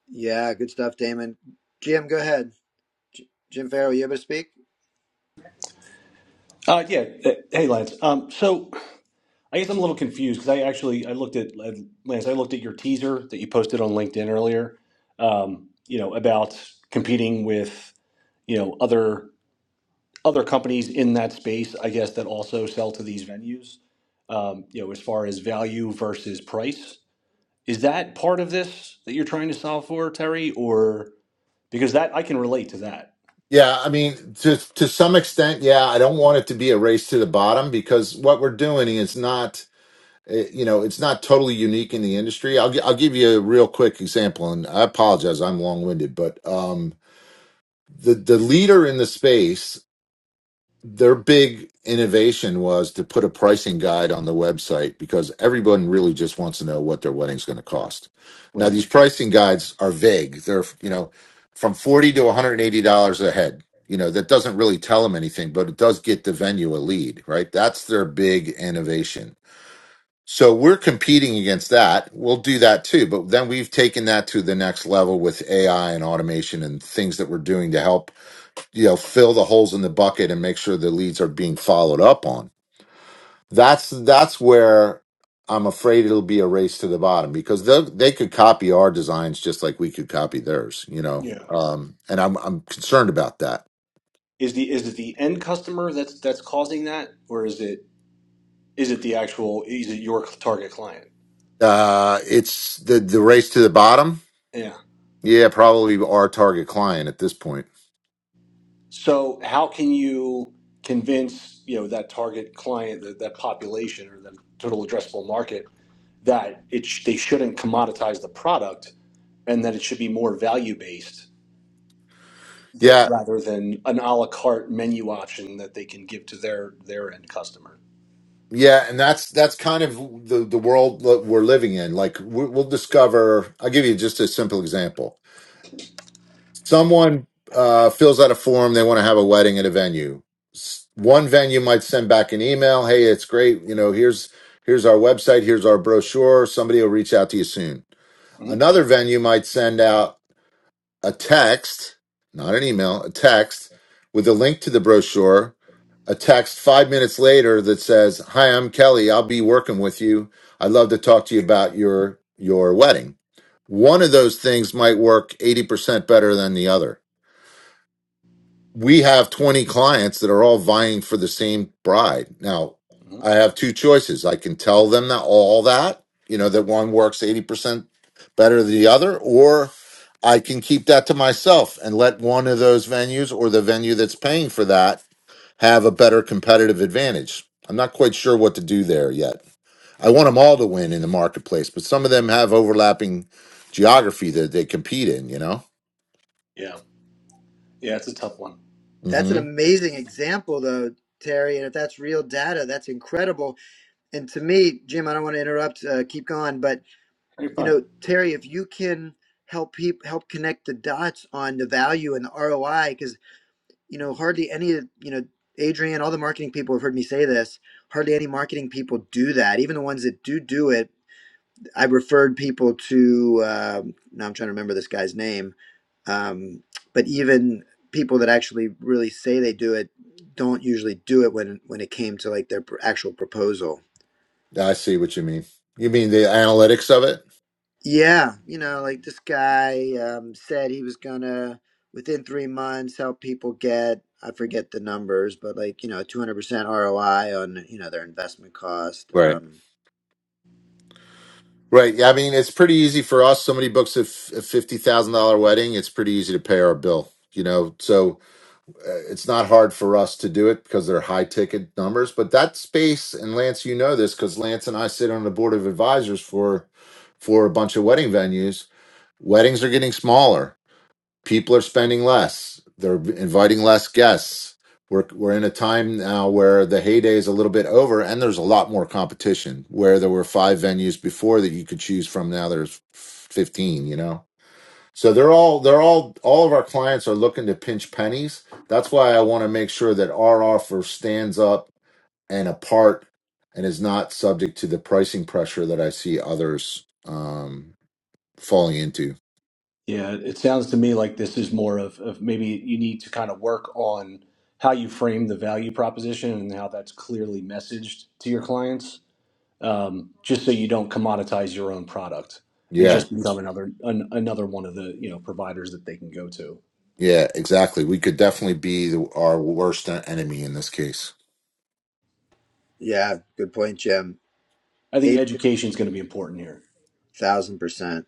[SPEAKER 1] Yeah, good stuff, Damon. Jim, go ahead. J- Jim Farrow, you able to speak?
[SPEAKER 2] Uh, yeah. uh, Hey, Lance. Um, so I guess I'm a little confused because I actually I looked at uh, Lance. I looked at your teaser that you posted on LinkedIn earlier. Um, you know about competing with you know other other companies in that space. I guess that also sell to these venues. Um, you know, as far as value versus price, is that part of this that you're trying to solve for, Terry? Or because that I can relate to that.
[SPEAKER 4] Yeah, I mean, to to some extent, yeah. I don't want it to be a race to the bottom because what we're doing is not, eh, you know, it's not totally unique in the industry. I'll gi- I'll give you a real quick example, and I apologize, I'm long winded, but um, the the leader in the space their big innovation was to put a pricing guide on the website because everyone really just wants to know what their wedding's going to cost.
[SPEAKER 2] Right.
[SPEAKER 4] Now these pricing guides are vague. They're, you know, from 40 to $180 a head. You know, that doesn't really tell them anything, but it does get the venue a lead, right? That's their big innovation. So we're competing against that. We'll do that too, but then we've taken that to the next level with AI and automation and things that we're doing to help you know fill the holes in the bucket and make sure the leads are being followed up on that's that's where i'm afraid it'll be a race to the bottom because they they could copy our designs just like we could copy theirs you know
[SPEAKER 2] Yeah.
[SPEAKER 4] um and i'm i'm concerned about that
[SPEAKER 2] Is the is it the end customer that's that's causing that, or is it is it the actual is it your target client?
[SPEAKER 4] uh it's the the race to the bottom
[SPEAKER 2] Yeah.
[SPEAKER 4] yeah probably our target client at this point
[SPEAKER 2] So how can you convince you know that target client that that population or that total addressable market that it sh- they shouldn't commoditize the product and that it should be more value based that
[SPEAKER 4] yeah
[SPEAKER 2] rather than an a la carte menu option that they can give to their their end customer.
[SPEAKER 4] yeah and that's that's kind of the the world that we're living in like we- we'll discover i'll give you just a simple example someone uh, fills out a form they want to have a wedding at a venue S- one venue might send back an email hey it's great you know here's here's our website here's our brochure somebody will reach out to you soon
[SPEAKER 2] Mm-hmm.
[SPEAKER 4] another venue might send out a text not an email a text with a link to the brochure a text five minutes later that says hi i'm kelly i'll be working with you i'd love to talk to you about your your wedding one of those things might work 80% better than the other we have 20 clients that are all vying for the same bride. Now,
[SPEAKER 2] Mm-hmm.
[SPEAKER 4] I have two choices. I can tell them that all that, you know, that one works 80% better than the other, or I can keep that to myself and let one of those venues or the venue that's paying for that have a better competitive advantage. I'm not quite sure what to do there yet. I want them all to win in the marketplace, but some of them have overlapping geography that they compete in, you know?
[SPEAKER 2] Yeah. Yeah, it's a tough one.
[SPEAKER 1] That's
[SPEAKER 4] Mm-hmm.
[SPEAKER 1] an amazing example, though, Terry. And if that's real data, that's incredible And to me, Jim, I don't want to interrupt. Uh, keep going, but
[SPEAKER 2] You're
[SPEAKER 1] you
[SPEAKER 2] fine.
[SPEAKER 1] know, Terry, if you can help people help connect the dots on the value and the ROI, because you know, hardly any you know, Adrian, all the marketing people have heard me say this. Hardly any marketing people do that. Even the ones that do do it, I referred people to. Um, now I'm trying to remember this guy's name, um, but even people that actually really say they do it don't usually do it when when it came to like their pr- actual proposal.
[SPEAKER 4] Yeah, I see what you mean. You mean the analytics of it?
[SPEAKER 1] Yeah, you know, like this guy um, said he was gonna within three months help people get I forget the numbers, but like you know, two hundred percent ROI on you know their investment cost.
[SPEAKER 4] Right.
[SPEAKER 1] Um,
[SPEAKER 4] Right. Yeah, I mean, it's pretty easy for us. Somebody books a f- a fifty thousand dollar wedding. It's pretty easy to pay our bill. You know, so uh, it's not hard for us to do it because they're high ticket numbers. But that space, and Lance, you know this because Lance and I sit on the board of advisors for for a bunch of wedding venues. Weddings are getting smaller people are spending less. They're inviting less guests. We're we're in a time now where the heyday is a little bit over, and there's a lot more competition. Where there were five venues before that you could choose from, now there's fifteen. You know, so they're all they're all all of our clients are looking to pinch pennies. That's why I want to make sure that our offer stands up and apart and is not subject to the pricing pressure that I see others um, falling into.
[SPEAKER 2] Yeah, it sounds to me like this is more of, of maybe you need to kind of work on how you frame the value proposition and how that's clearly messaged to your clients, um, just so you don't commoditize your own product and
[SPEAKER 4] Yeah,
[SPEAKER 2] just become another an, another one of the you know providers that they can go to.
[SPEAKER 4] Yeah, exactly. We could definitely be the, our worst en- enemy in this case.
[SPEAKER 1] yeah, good point, Jim.
[SPEAKER 2] I think
[SPEAKER 1] Eight
[SPEAKER 2] education is going to be important here.
[SPEAKER 1] thousand percent.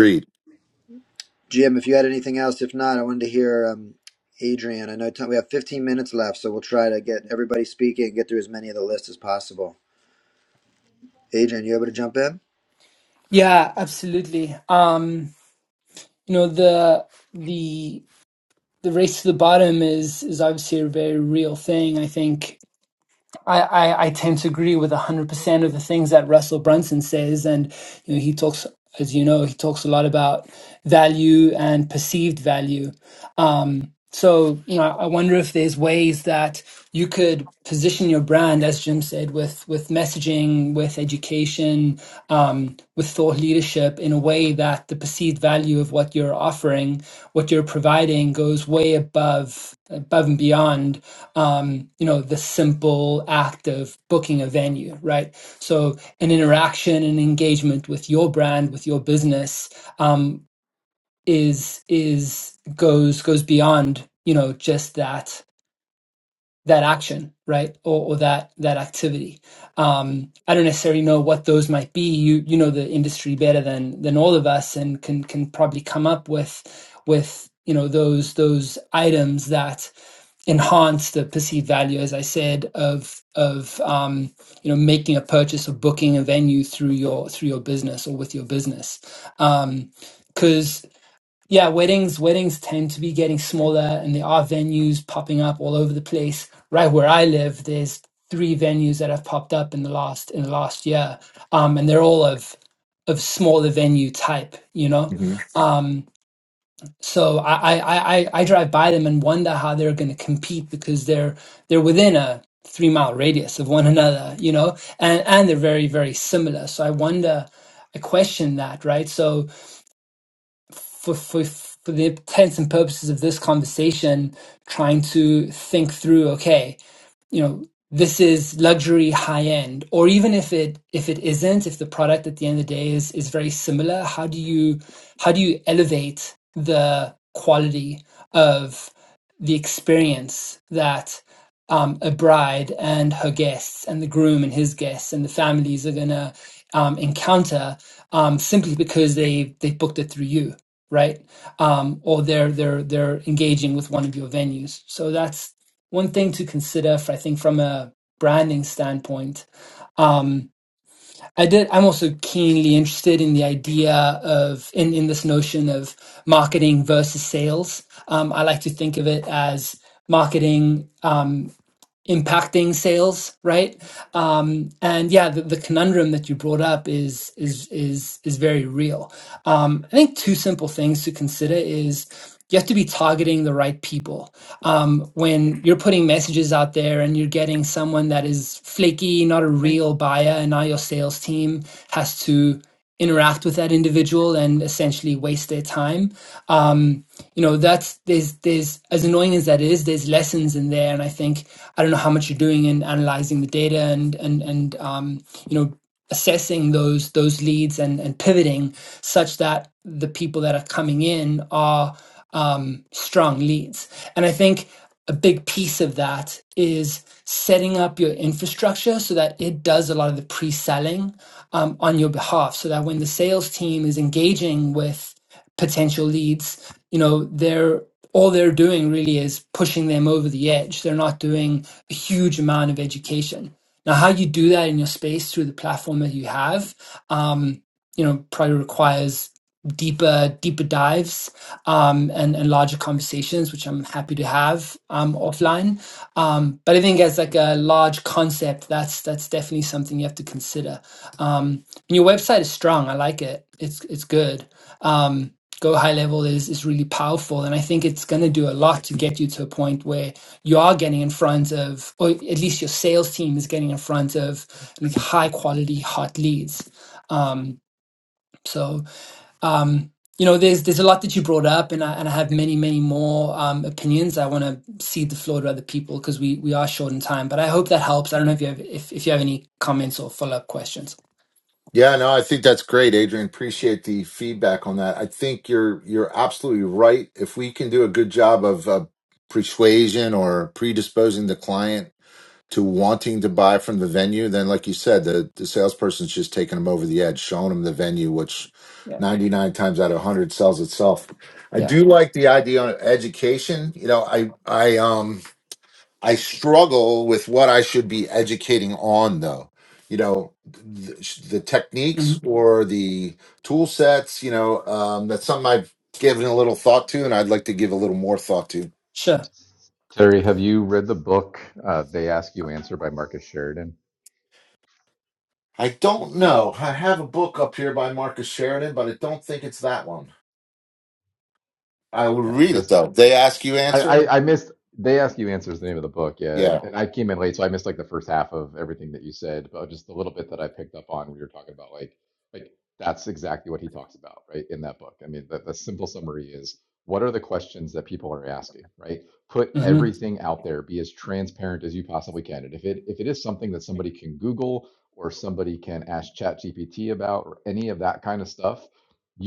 [SPEAKER 1] Yeah, Jim, if you had anything else, if not, I wanted to hear um, Adrian. I know time, we have fifteen minutes left, so we'll try to get everybody speaking and get through as many of the list as possible. Adrian, you able to jump in?
[SPEAKER 6] Yeah, absolutely. Um, you know the the the race to the bottom is is obviously a very real thing. I think I I, I tend to agree with hundred percent of the things that Russell Brunson says, and you know he talks, as you know, he talks a lot about value and perceived value Um, so, you know, I wonder if there's ways that you could position your brand, as Jim said, with with messaging, with education, um, with thought leadership, in a way that the perceived value of what you're offering, what you're providing, goes way above above and beyond, um, you know, the simple act of booking a venue, right? So, an interaction and engagement with your brand, with your business. Um, is is goes goes beyond you know just that that action right or, or that that activity um i don't necessarily know what those might be you you know the industry better than than all of us and can can probably come up with with you know those those items that enhance the perceived value as i said of of um you know making a purchase or booking a venue through your through your business or with your business because. Yeah, weddings weddings tend to be getting smaller and there are venues popping up all over the place. Right where I live, there's three venues that have popped up in the last in the last year. Um, and they're all of of smaller venue type, you know?
[SPEAKER 4] hmm
[SPEAKER 6] Um, so I, I, I, I I drive by them and wonder how they're gonna compete because they're they're within a three mile radius of one another, you know, and, and they're very, very similar. So I wonder I question that, right? So for, for, for the intents and purposes of this conversation, trying to think through, okay, you know this is luxury high end or even if it if it isn't if the product at the end of the day is is very similar how do you how do you elevate the quality of the experience that um, a bride and her guests and the groom and his guests and the families are gonna um, encounter um, simply because they they booked it through you right um, or they're they're they're engaging with one of your venues so that's one thing to consider, I think, from a branding standpoint. Um, I did. I'm also keenly interested in the idea of in in this notion of marketing versus sales. Um, I like to think of it as marketing. um, impacting sales right um and yeah the, the conundrum that you brought up is is is is very real um i think two simple things to consider is you have to be targeting the right people um when you're putting messages out there and you're getting someone that is flaky not a real buyer and now your sales team has to interact with that individual and essentially waste their time um you know that's there's there's as annoying as that is there's lessons in there and i think i don't know how much you're doing in analyzing the data and and and um you know assessing those those leads and and pivoting such that the people that are coming in are um strong leads and i think a big piece of that is setting up your infrastructure so that it does a lot of the pre-selling um, on your behalf so that when the sales team is engaging with potential leads you know they're all they're doing really is pushing them over the edge they're not doing a huge amount of education now how you do that in your space through the platform that you have um, you know probably requires deeper deeper dives um, and and larger conversations which i'm happy to have um, offline um, but i think as like a large concept that's that's definitely something you have to consider um, and your website is strong i like it it's it's good um, go high level is is really powerful and i think it's going to do a lot to get you to a point where you are getting in front of or at least your sales team is getting in front of like high quality hot leads um so um, you know, there's there's a lot that you brought up, and I and I have many many more um, opinions. I want to cede the floor to other people because we we are short in time. But I hope that helps. I don't know if you have if, if you have any comments or follow up questions.
[SPEAKER 4] Yeah, no, I think that's great, Adrian. Appreciate the feedback on that. I think you're you're absolutely right. If we can do a good job of uh, persuasion or predisposing the client to wanting to buy from the venue, then like you said, the, the salesperson's just taking them over the edge, showing them the venue, which
[SPEAKER 6] Yeah,
[SPEAKER 4] 99 times out of 100 sells itself. I
[SPEAKER 6] yeah,
[SPEAKER 4] do like the idea of education. You know, I I um I struggle with what I should be educating on though. You know, the, the
[SPEAKER 6] hmm
[SPEAKER 4] techniques or the tool sets, you know, um, that's something I've given a little thought to and I'd like to give a little more thought to
[SPEAKER 6] sure,
[SPEAKER 10] Terry, have you read the book uh, "They Ask You Answer" by Marcus Sheridan?
[SPEAKER 4] I don't know. I have a book up here by Marcus Sheridan, but I don't think it's that one. I will
[SPEAKER 10] Yeah,
[SPEAKER 4] read it
[SPEAKER 10] this
[SPEAKER 4] though. They ask you
[SPEAKER 10] I,
[SPEAKER 4] answer?
[SPEAKER 10] I I missed. They ask you answers the name of the book, yeah, and,
[SPEAKER 4] Yeah.
[SPEAKER 10] and I came in late, so I missed like the first half of everything that you said, but just a little bit that I picked up on. We were talking about like like that's exactly what he talks about, right, in that book. I mean, the, the simple summary is what are the questions that people are asking, right? Put
[SPEAKER 6] mm-hmm.
[SPEAKER 10] everything out there, be as transparent as you possibly can, and if it if it is something that somebody can Google or somebody can ask ChatGPT about or any of that kind of stuff,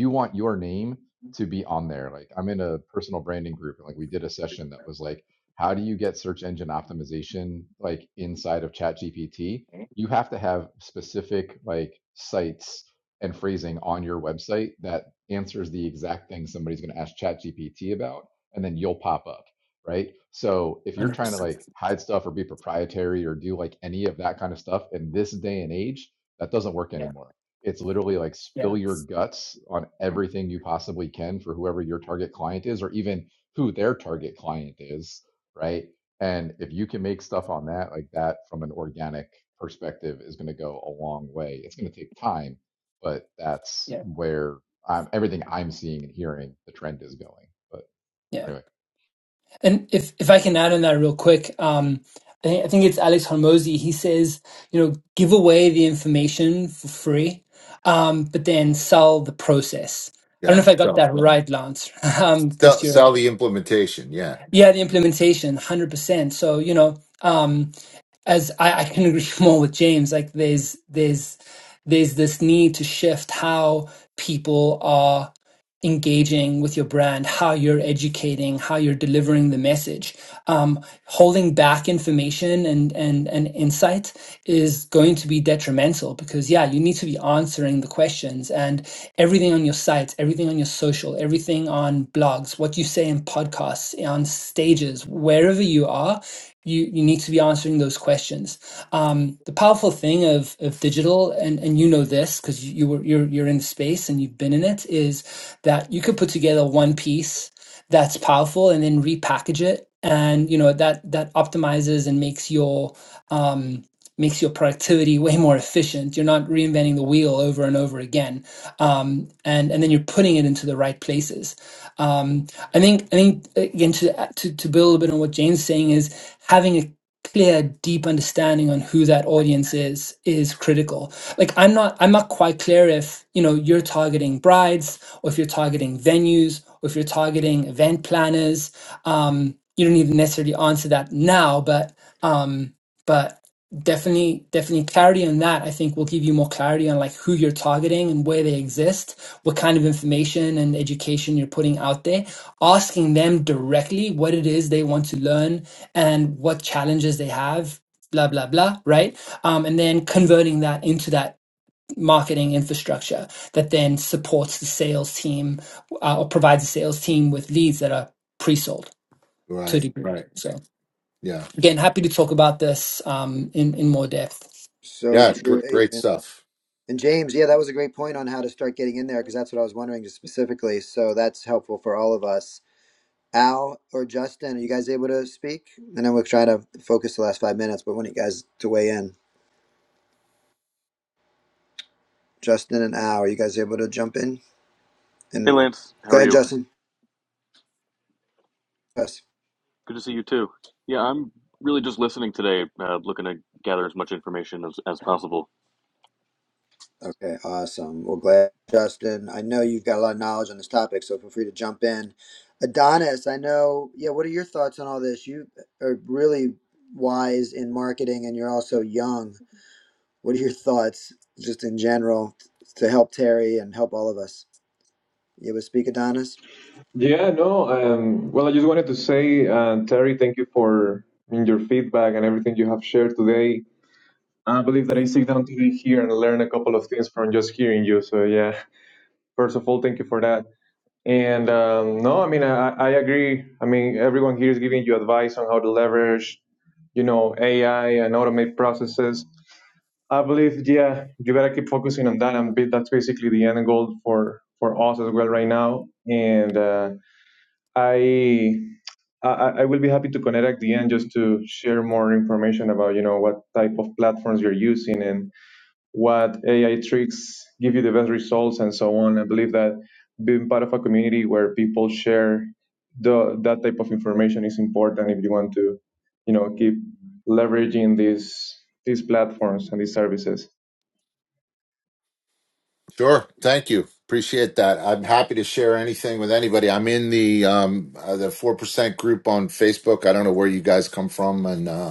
[SPEAKER 10] you want your name to be on there. Like I'm in a personal branding group and like we did a session that was like, how do you get search engine optimization like inside of Chat GPT? You have to have specific like sites and phrasing on your website that answers the exact thing somebody's going to ask Chat GPT about, and then you'll pop up. Right. So if you're
[SPEAKER 6] hundred
[SPEAKER 10] trying to
[SPEAKER 6] percent.
[SPEAKER 10] like hide stuff or be proprietary or do like any of that kind of stuff in this day and age, that doesn't work
[SPEAKER 6] Yeah,
[SPEAKER 10] anymore it's literally like
[SPEAKER 6] yeah,
[SPEAKER 10] spill your guts on everything you possibly can for whoever your target client is, or even who their target client is, right? And if you can make stuff on that, like that from an organic perspective, is going to go a long way. It's going to take time, but that's
[SPEAKER 6] yeah,
[SPEAKER 10] where um, everything I'm seeing and hearing the trend is going. But
[SPEAKER 6] yeah.
[SPEAKER 10] anyway.
[SPEAKER 6] And if if I can add on that real quick, um, I, think, I think it's Alex Hormozy. He says, you know, give away the information for free, um, but then sell the process. I don't know
[SPEAKER 4] Yeah.
[SPEAKER 6] if I got
[SPEAKER 4] So
[SPEAKER 6] that right, Lance, [LAUGHS] um, because
[SPEAKER 4] sell,
[SPEAKER 6] you're
[SPEAKER 4] sell the implementation. Yeah.
[SPEAKER 6] yeah the implementation, one hundred percent. So you know, um, as I, I can agree [LAUGHS] more with James. Like there's there's there's this need to shift how people are engaging with your brand, how you're educating, how you're delivering the message. Um, holding back information and, and, and insight is going to be detrimental because, yeah, you need to be answering the questions and everything on your site, everything on your social, everything on blogs, what you say in podcasts, on stages, wherever you are. You, you need to be answering those questions. Um, the powerful thing of, of digital, and, and you know this because you, you were you're you're in the space and you've been in it, is that you could put together one piece that's powerful and then repackage it and you know that that optimizes and makes your um, makes your productivity [LAUGHS] way more efficient you're not reinventing the wheel over and over again um, and and then you're putting it into the right places um, i think i think again to, to to build a bit on what jane's saying is having a clear deep understanding on who that audience is is critical like i'm not i'm not quite clear if you know you're targeting brides or if you're targeting venues, or if you're targeting event planners. Um, you don't need to necessarily answer that now, but um, but definitely definitely clarity on that I think will give you more clarity on like who you're targeting and where they exist, what kind of information and education you're putting out there, asking them directly what it is they want to learn and what challenges they have blah blah blah right um, and then converting that into that marketing infrastructure that then supports the sales team uh, or provides the sales team with leads that are pre-sold to
[SPEAKER 4] Right.
[SPEAKER 6] the group.
[SPEAKER 4] Right.
[SPEAKER 6] So
[SPEAKER 4] Yeah.
[SPEAKER 6] again, happy to talk about this um, in in more depth.
[SPEAKER 1] So
[SPEAKER 4] Yeah.
[SPEAKER 1] true,
[SPEAKER 4] Gr- great
[SPEAKER 1] Adrian.
[SPEAKER 4] stuff.
[SPEAKER 1] And James, yeah, that was a great point on how to start getting in there because that's what I was wondering just specifically. So that's helpful for all of us. Al or Justin, are you guys able to speak? And then we'll try to focus the last five minutes, but I want you guys to weigh in. Justin and Al, are you guys able to jump in?
[SPEAKER 11] Hey
[SPEAKER 1] And
[SPEAKER 11] Lance, how
[SPEAKER 1] go
[SPEAKER 11] are
[SPEAKER 1] ahead,
[SPEAKER 11] you?
[SPEAKER 1] Justin. Yes.
[SPEAKER 11] Good to see you too. Yeah, I'm really just listening today, uh, looking to gather as much information as, as possible.
[SPEAKER 1] Okay, awesome. Well, glad, Justin. I know you've got a lot of knowledge on this topic, so feel free to jump in. Adonis, I know, yeah, what are your thoughts on all this? You are really wise in marketing and you're also young What are your thoughts, just in general, to help Terry and help all of us? You able to speak, Adonis?
[SPEAKER 12] Yeah, no. Um, well, I just wanted to say, uh, Terry, thank you for I mean, your feedback and everything you have shared today. I believe that I sit down today here and learn a couple of things from just hearing you. So, yeah, first of all, thank you for that. And um, no, I mean, I, I agree. I mean, everyone here is giving you advice on how to leverage, you know, AI and automate processes. I believe, yeah, you gotta keep focusing on that, and be- that's basically the end goal for for us as well right now. And uh, I I, I will be happy to connect at the end just to share more information about you know what type of platforms you're using and what AI tricks give you the best results and so on. I believe that being part of a community where people share the that type of information is important if you want to you know keep leveraging these these platforms and these services.
[SPEAKER 4] Sure. Thank you. Appreciate that. I'm happy to share anything with anybody. I'm in the um uh, the 4% group on Facebook. I don't know where you guys come from and uh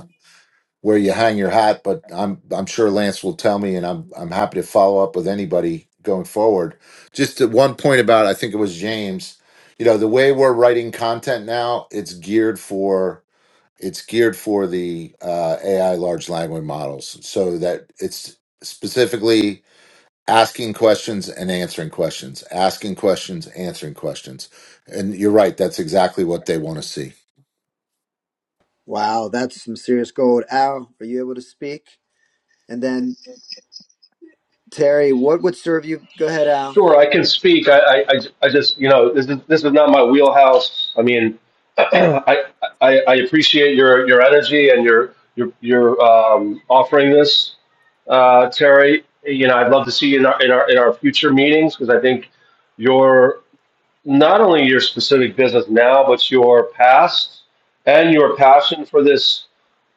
[SPEAKER 4] where you hang your hat, but I'm I'm sure Lance will tell me, and I'm I'm happy to follow up with anybody going forward. Just at one point about I think it was James, you know, the way we're writing content now, it's geared for it's geared for the uh, AI large language models, so that it's specifically asking questions and answering questions, asking questions, answering questions, and you're right, that's exactly what they want to see.
[SPEAKER 1] Wow, that's some serious gold. Al, are you able to speak? And then Terry, what would serve you? Go ahead, Al.
[SPEAKER 8] Sure, I can speak. I, I, I I just, you know, this is this is not my wheelhouse. I mean, [CLEARS THROAT] I, I, I appreciate your your energy and your your your um, offering this, uh, Terry. You know, I'd love to see you in our in our in our future meetings because I think your not only your specific business now, but your past and your passion for this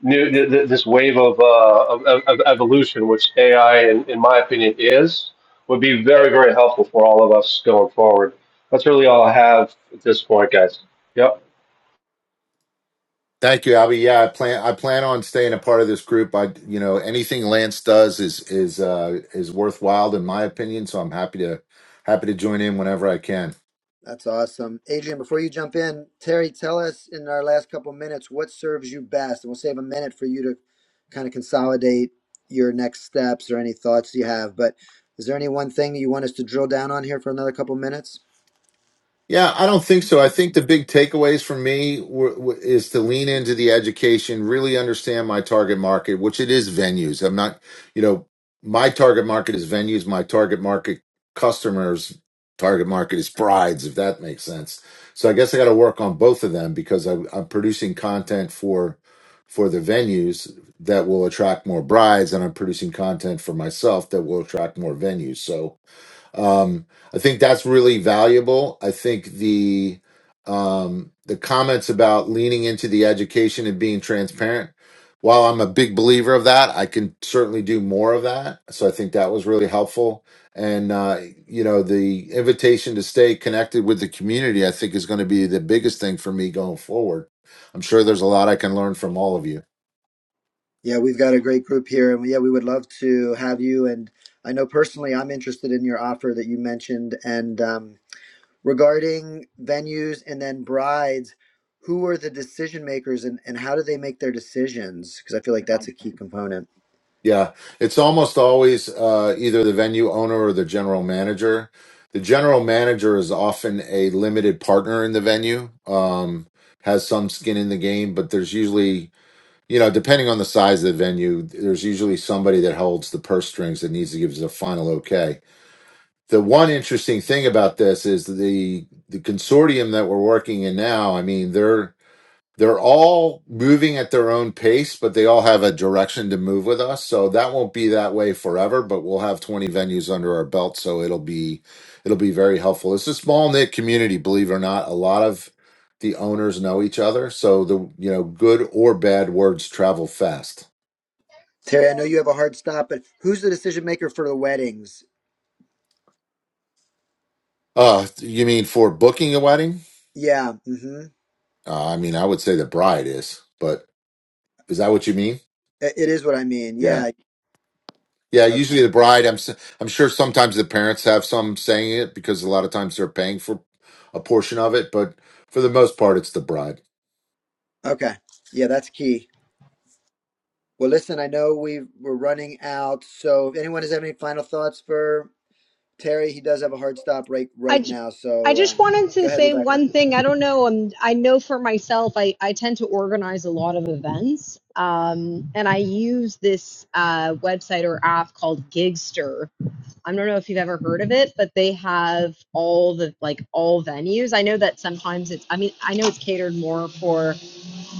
[SPEAKER 8] new th- th- this wave of, uh, of, of of evolution, which AI, in, in my opinion, is, would be very very helpful for all of us going forward. That's really all I have at this point, guys. Yep.
[SPEAKER 4] Thank you, Albie. Yeah, I plan I plan on staying a part of this group. I you know anything Lance does is is uh is worthwhile in my opinion. So I'm happy to happy to join in whenever I can.
[SPEAKER 1] That's awesome. Adrian, before you jump in, Terry, tell us in our last couple minutes what serves you best, and we'll save a minute for you to kind of consolidate your next steps or any thoughts you have. But is there any one thing you want us to drill down on here for another couple minutes?
[SPEAKER 4] Yeah, I don't think so. I think the big takeaways for me were, were, is to lean into the education, really understand my target market, which it is venues. I'm not, you know, my target market is venues. My target market customers, target market is brides, if that makes sense. So I guess I got to work on both of them because I, I'm producing content for for the venues that will attract more brides, and I'm producing content for myself that will attract more venues. So um, I think that's really valuable. I think the um, the comments about leaning into the education and being transparent. While I'm a big believer of that, I can certainly do more of that. So I think that was really helpful. And uh, you know, the invitation to stay connected with the community, I think, is going to be the biggest thing for me going forward. I'm sure there's a lot I can learn from all of you.
[SPEAKER 1] Yeah, we've got a great group here, and yeah, we would love to have you. And I know personally, I'm interested in your offer that you mentioned, and um, regarding venues and then brides, who are the decision makers, and, and how do they make their decisions? Because I feel like that's a key component.
[SPEAKER 4] Yeah, it's almost always uh, either the venue owner or the general manager. The general manager is often a limited partner in the venue, um, has some skin in the game, but there's usually, you know, depending on the size of the venue, there's usually somebody that holds the purse strings that needs to give us a final okay. The one interesting thing about this is the the consortium that we're working in now. I mean, they're they're all moving at their own pace, but they all have a direction to move with us. So that won't be that way forever, but we'll have 20 venues under our belt. So it'll be, it'll be very helpful. It's a small knit community, believe it or not. A lot of the owners know each other. So the, you know, good or bad words travel fast.
[SPEAKER 1] Terry, I know you have a hard stop, but who's the decision maker for the weddings?
[SPEAKER 4] Uh, you mean for booking a wedding?
[SPEAKER 1] Yeah, mm-hmm.
[SPEAKER 4] Uh, I mean, I would say the bride is, but is that what you mean?
[SPEAKER 1] It it is what I mean.
[SPEAKER 4] Yeah.
[SPEAKER 1] Yeah.
[SPEAKER 4] Yeah,
[SPEAKER 1] Okay.
[SPEAKER 4] usually the bride. I'm s- I'm sure sometimes the parents have some saying it because a lot of times they're paying for a portion of it, but for the most part, it's the bride.
[SPEAKER 1] Okay. Yeah, that's key. Well, listen, I know we we're running out, so if anyone has any final thoughts for Terry, he does have a hard stop right
[SPEAKER 9] I,
[SPEAKER 1] right
[SPEAKER 9] j-
[SPEAKER 1] now.
[SPEAKER 9] I
[SPEAKER 1] So
[SPEAKER 9] just
[SPEAKER 1] um,
[SPEAKER 9] wanted
[SPEAKER 1] go
[SPEAKER 9] to
[SPEAKER 1] ahead,
[SPEAKER 9] say
[SPEAKER 1] Rebecca.
[SPEAKER 9] one thing. I don't know. Um, I know for myself, I, I tend to organize a lot of events. Um, and I use this uh, website or app called Gigster. I don't know if you've ever heard of it, but they have all the like all venues. I know that sometimes it's, I mean, I know it's catered more for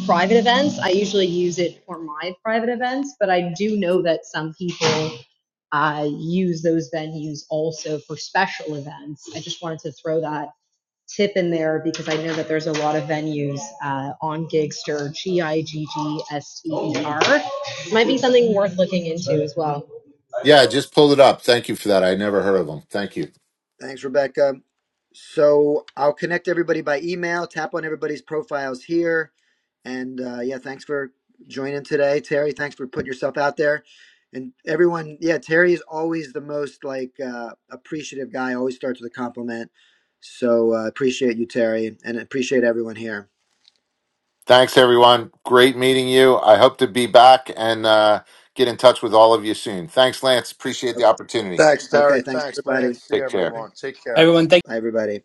[SPEAKER 9] private events. I usually use it for my private events, but I do know that some people I use those venues also for special events. I just wanted to throw that tip in there because I know that there's a lot of venues uh, on Gigster, G I G G S T E R. Might be something worth looking into as well.
[SPEAKER 4] Yeah, I just pulled it up. Thank you for that. I never heard of them. Thank you.
[SPEAKER 1] Thanks, Rebecca. So I'll connect everybody by email. Tap on everybody's profiles here, and uh, yeah, thanks for joining today, Terry. Thanks for putting yourself out there, and everyone. Yeah, Terry is always the most like uh, appreciative guy. Always starts with a compliment. So uh, appreciate you, Terry, and appreciate everyone here.
[SPEAKER 4] Thanks, everyone. Great meeting you. I hope to be back and uh, get in touch with all of you soon. Thanks, Lance. Appreciate the opportunity.
[SPEAKER 3] Thanks,
[SPEAKER 1] Okay,
[SPEAKER 3] Terry.
[SPEAKER 1] thanks
[SPEAKER 3] Thanks, Lance.
[SPEAKER 1] everybody.
[SPEAKER 3] See
[SPEAKER 4] Take care.
[SPEAKER 3] everyone. Take care.
[SPEAKER 6] Everyone, thank
[SPEAKER 1] Bye, everybody.